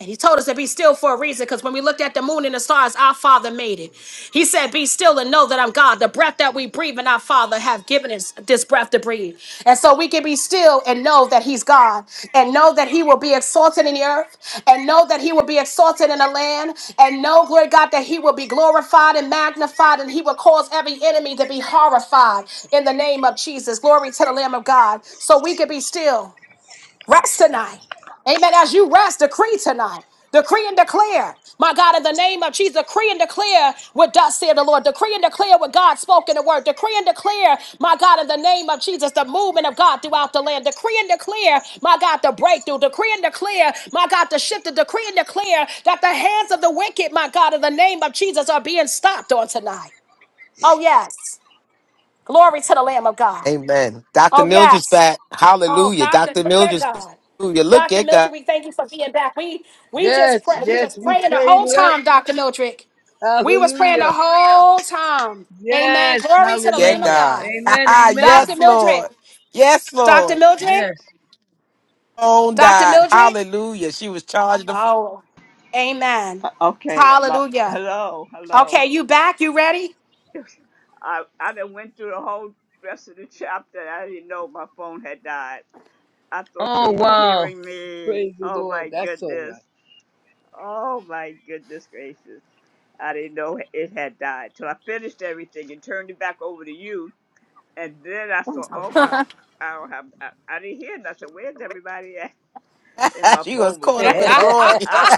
And he told us to be still for a reason because when we looked at the moon and the stars, our Father made it. He said, Be still and know that I'm God. The breath that we breathe and our Father have given us this breath to breathe. And so we can be still and know that He's God and know that He will be exalted in the earth and know that He will be exalted in the land and know, glory God, that He will be glorified and magnified and He will cause every enemy to be horrified in the name of Jesus. Glory to the Lamb of God. So we can be still Rest tonight. Amen. As you rest, decree tonight. Decree and declare, my God, in the name of Jesus, decree and declare what thus said the Lord. Decree and declare what God spoke in the word. Decree and declare, my God, in the name of Jesus, the movement of God throughout the land. Decree and declare, my God, the breakthrough. Decree and declare, my God, the shift. Decree and declare that the hands of the wicked, my God, in the name of Jesus, are being stopped on tonight. Oh, yes. Glory to the Lamb of God. Amen. Dr. Oh, Mildred's yes. back. Oh, Hallelujah. Doctor, Dr. look at Mildred's God. hallelujah. Look Dr. at God. Mildred, we thank you for being back. We we Yes, just pray we yes, was we praying the prayed whole it up. time, Dr. Mildred. We was praying Hallelujah. the whole time. Amen. Yes, Glory to the Look Lamb at of hallelujah. God. God. Amen, *laughs* Dr. amen. yes, Mildred. Lord. Yes, Dr. Lord. Mildred. Yes, Own Dr. died. Mildred. Hallelujah. She was charged. The, Oh, amen. Okay, my, Hallelujah. hello, Okay, hello. you back? You ready? *laughs* I I done went through the whole rest of the chapter. I didn't know my phone had died. I thought you were hearing me. praise the Oh Lord. my That's all goodness. Oh my goodness gracious. I didn't know it had died till I finished everything and turned it back over to you. And then I saw, oh my, I don't have, I, I didn't hear nothing. I said, where's everybody at? *laughs* And *laughs* my she was phone was right. caught *laughs* up in the dead. glory. *laughs* I *laughs* don't,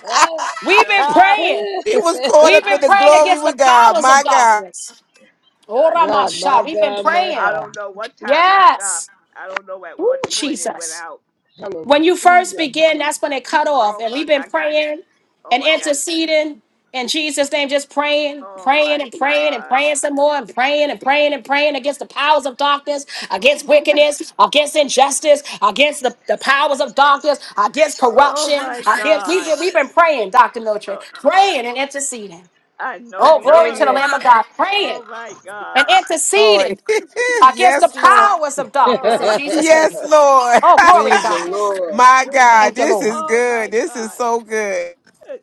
I We've don't, been *laughs* praying. She was caught We've up in been I the praying know. glory against the with God. *laughs* powers of My God. darkness. Oh, God, my Ramasha. We've been God, my I praying. God. don't know what time I stopped. Yes. I don't know at Ooh, what point it went Jesus. out. when you first Hallelujah. begin, that's when it cut off. Oh And we've my, been I got, praying oh and my God. interceding in Jesus' name, just praying, Oh praying my and praying and God. praying some more and praying and praying and praying against the powers of darkness, against Oh my, *laughs* wickedness, against injustice, against the, the powers of darkness, against oh corruption. my Against, we've, God. been, we've been praying, Dr. Mildred, Oh, praying and interceding. I know Oh, you glory were. to the Amen. Lamb of God, praying Oh my and God. interceding Lord. *laughs* against the yes, Lord. powers of *laughs* darkness in Oh, Jesus' name. Yes, Lord. Oh, glory to praise *laughs* the God. Lord. My God. Thank you, This Lord. is oh good. my This is God. so good.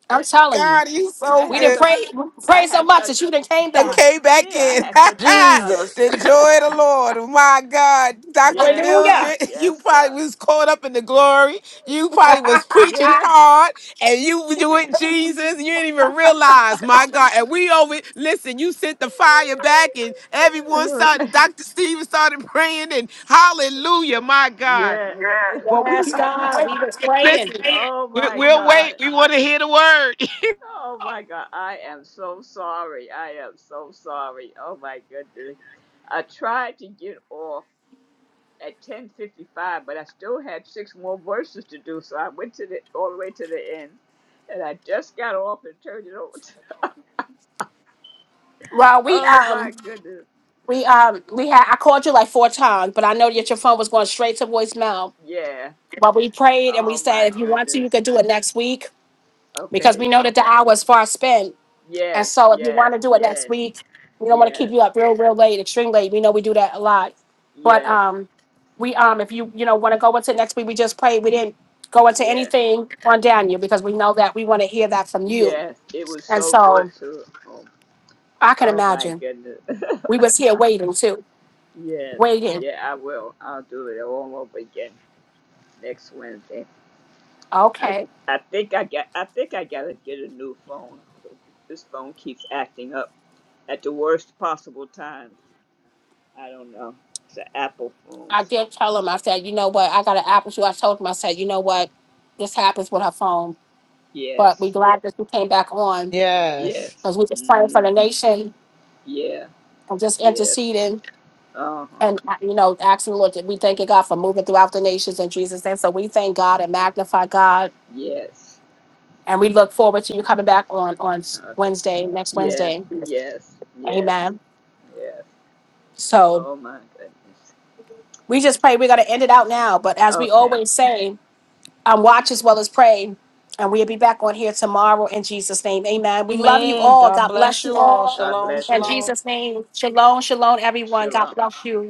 I'm And, telling you. God, you and I so We had good. didn't such, pray, we I pray so had much such that you didn't came done good, back. came back yeah, in. I had such good *laughs* nuggets. Jesus. the joy of the *laughs* Lord. My God, Dr. Yes, uh, Hallelujah. Mildred, *laughs* you yes, uh, probably was caught up in the glory. You probably was *laughs* preaching yeah. hard and you were doing Jesus. You didn't even realize, my God. And we over, listen, you sent the fire back and everyone started, Dr. Stephen started *laughs* praying and hallelujah, my God. Yeah. yes, God. We was praying. Listen, Oh we- my we'll God. wait. We want to hear the word. Oh my God. I am so sorry. I am so sorry. Oh my goodness. I tried to get off. at 10:55, but I still had six more verses to do, so I went to the all the way to the end, and I just got off and turned it over. To, Well, we oh um my goodness, we um we had I called you like four times, but I know that your phone was going straight to voicemail. yeah. But we prayed and we Oh said my if you want to, you goodness. could do it next week because we Okay. know that the hour is far spent. And Yes, so if you want yes, to do it next yes, week, we don't want to keep yes, you up real, real late, extreme late. We know we do that a lot. But yes, um we um if you you know want to go into next week we just prayed we didn't go into yes, anything on daniel because we know that we want to hear that from you yes. It was and so good so too. Oh, i can oh my imagine goodness. we was here waiting too *laughs* yes. waiting Yeah, I will. I'll do it all over again next Wednesday. I okay I think I got I think I gotta get a new phone. This phone keeps acting up at the worst possible times. I don't know. It's an Apple phone, i so did tell him i said you know what i got an apple too i told him i said you know what this happens with her phone but we yes, glad that you came back on Yes. yes, because we just praying for mm-hmm. the nation yeah, and just yes, interceding uh huh, and uh, you know asking the lord that we thank you god for moving throughout the nations in jesus name so we thank god and magnify god yes, And we look forward to you coming back on, on okay, Wednesday, next yes, Wednesday. yes, yes, Amen. yes. So Oh my goodness. we just pray we're going to end it out now. But as we Okay. always say, um, watch as well as pray. And we'll be back on here tomorrow in Jesus' name. Amen. We love you Mhm. Amen. all. God God bless bless you you all. all. *laughs* God Shalom, bless bless you In you. shalom. all. Jesus' name. Shalom, shalom, everyone. God Shalom. bless you.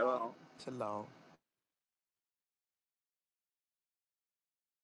wrong. Shalom.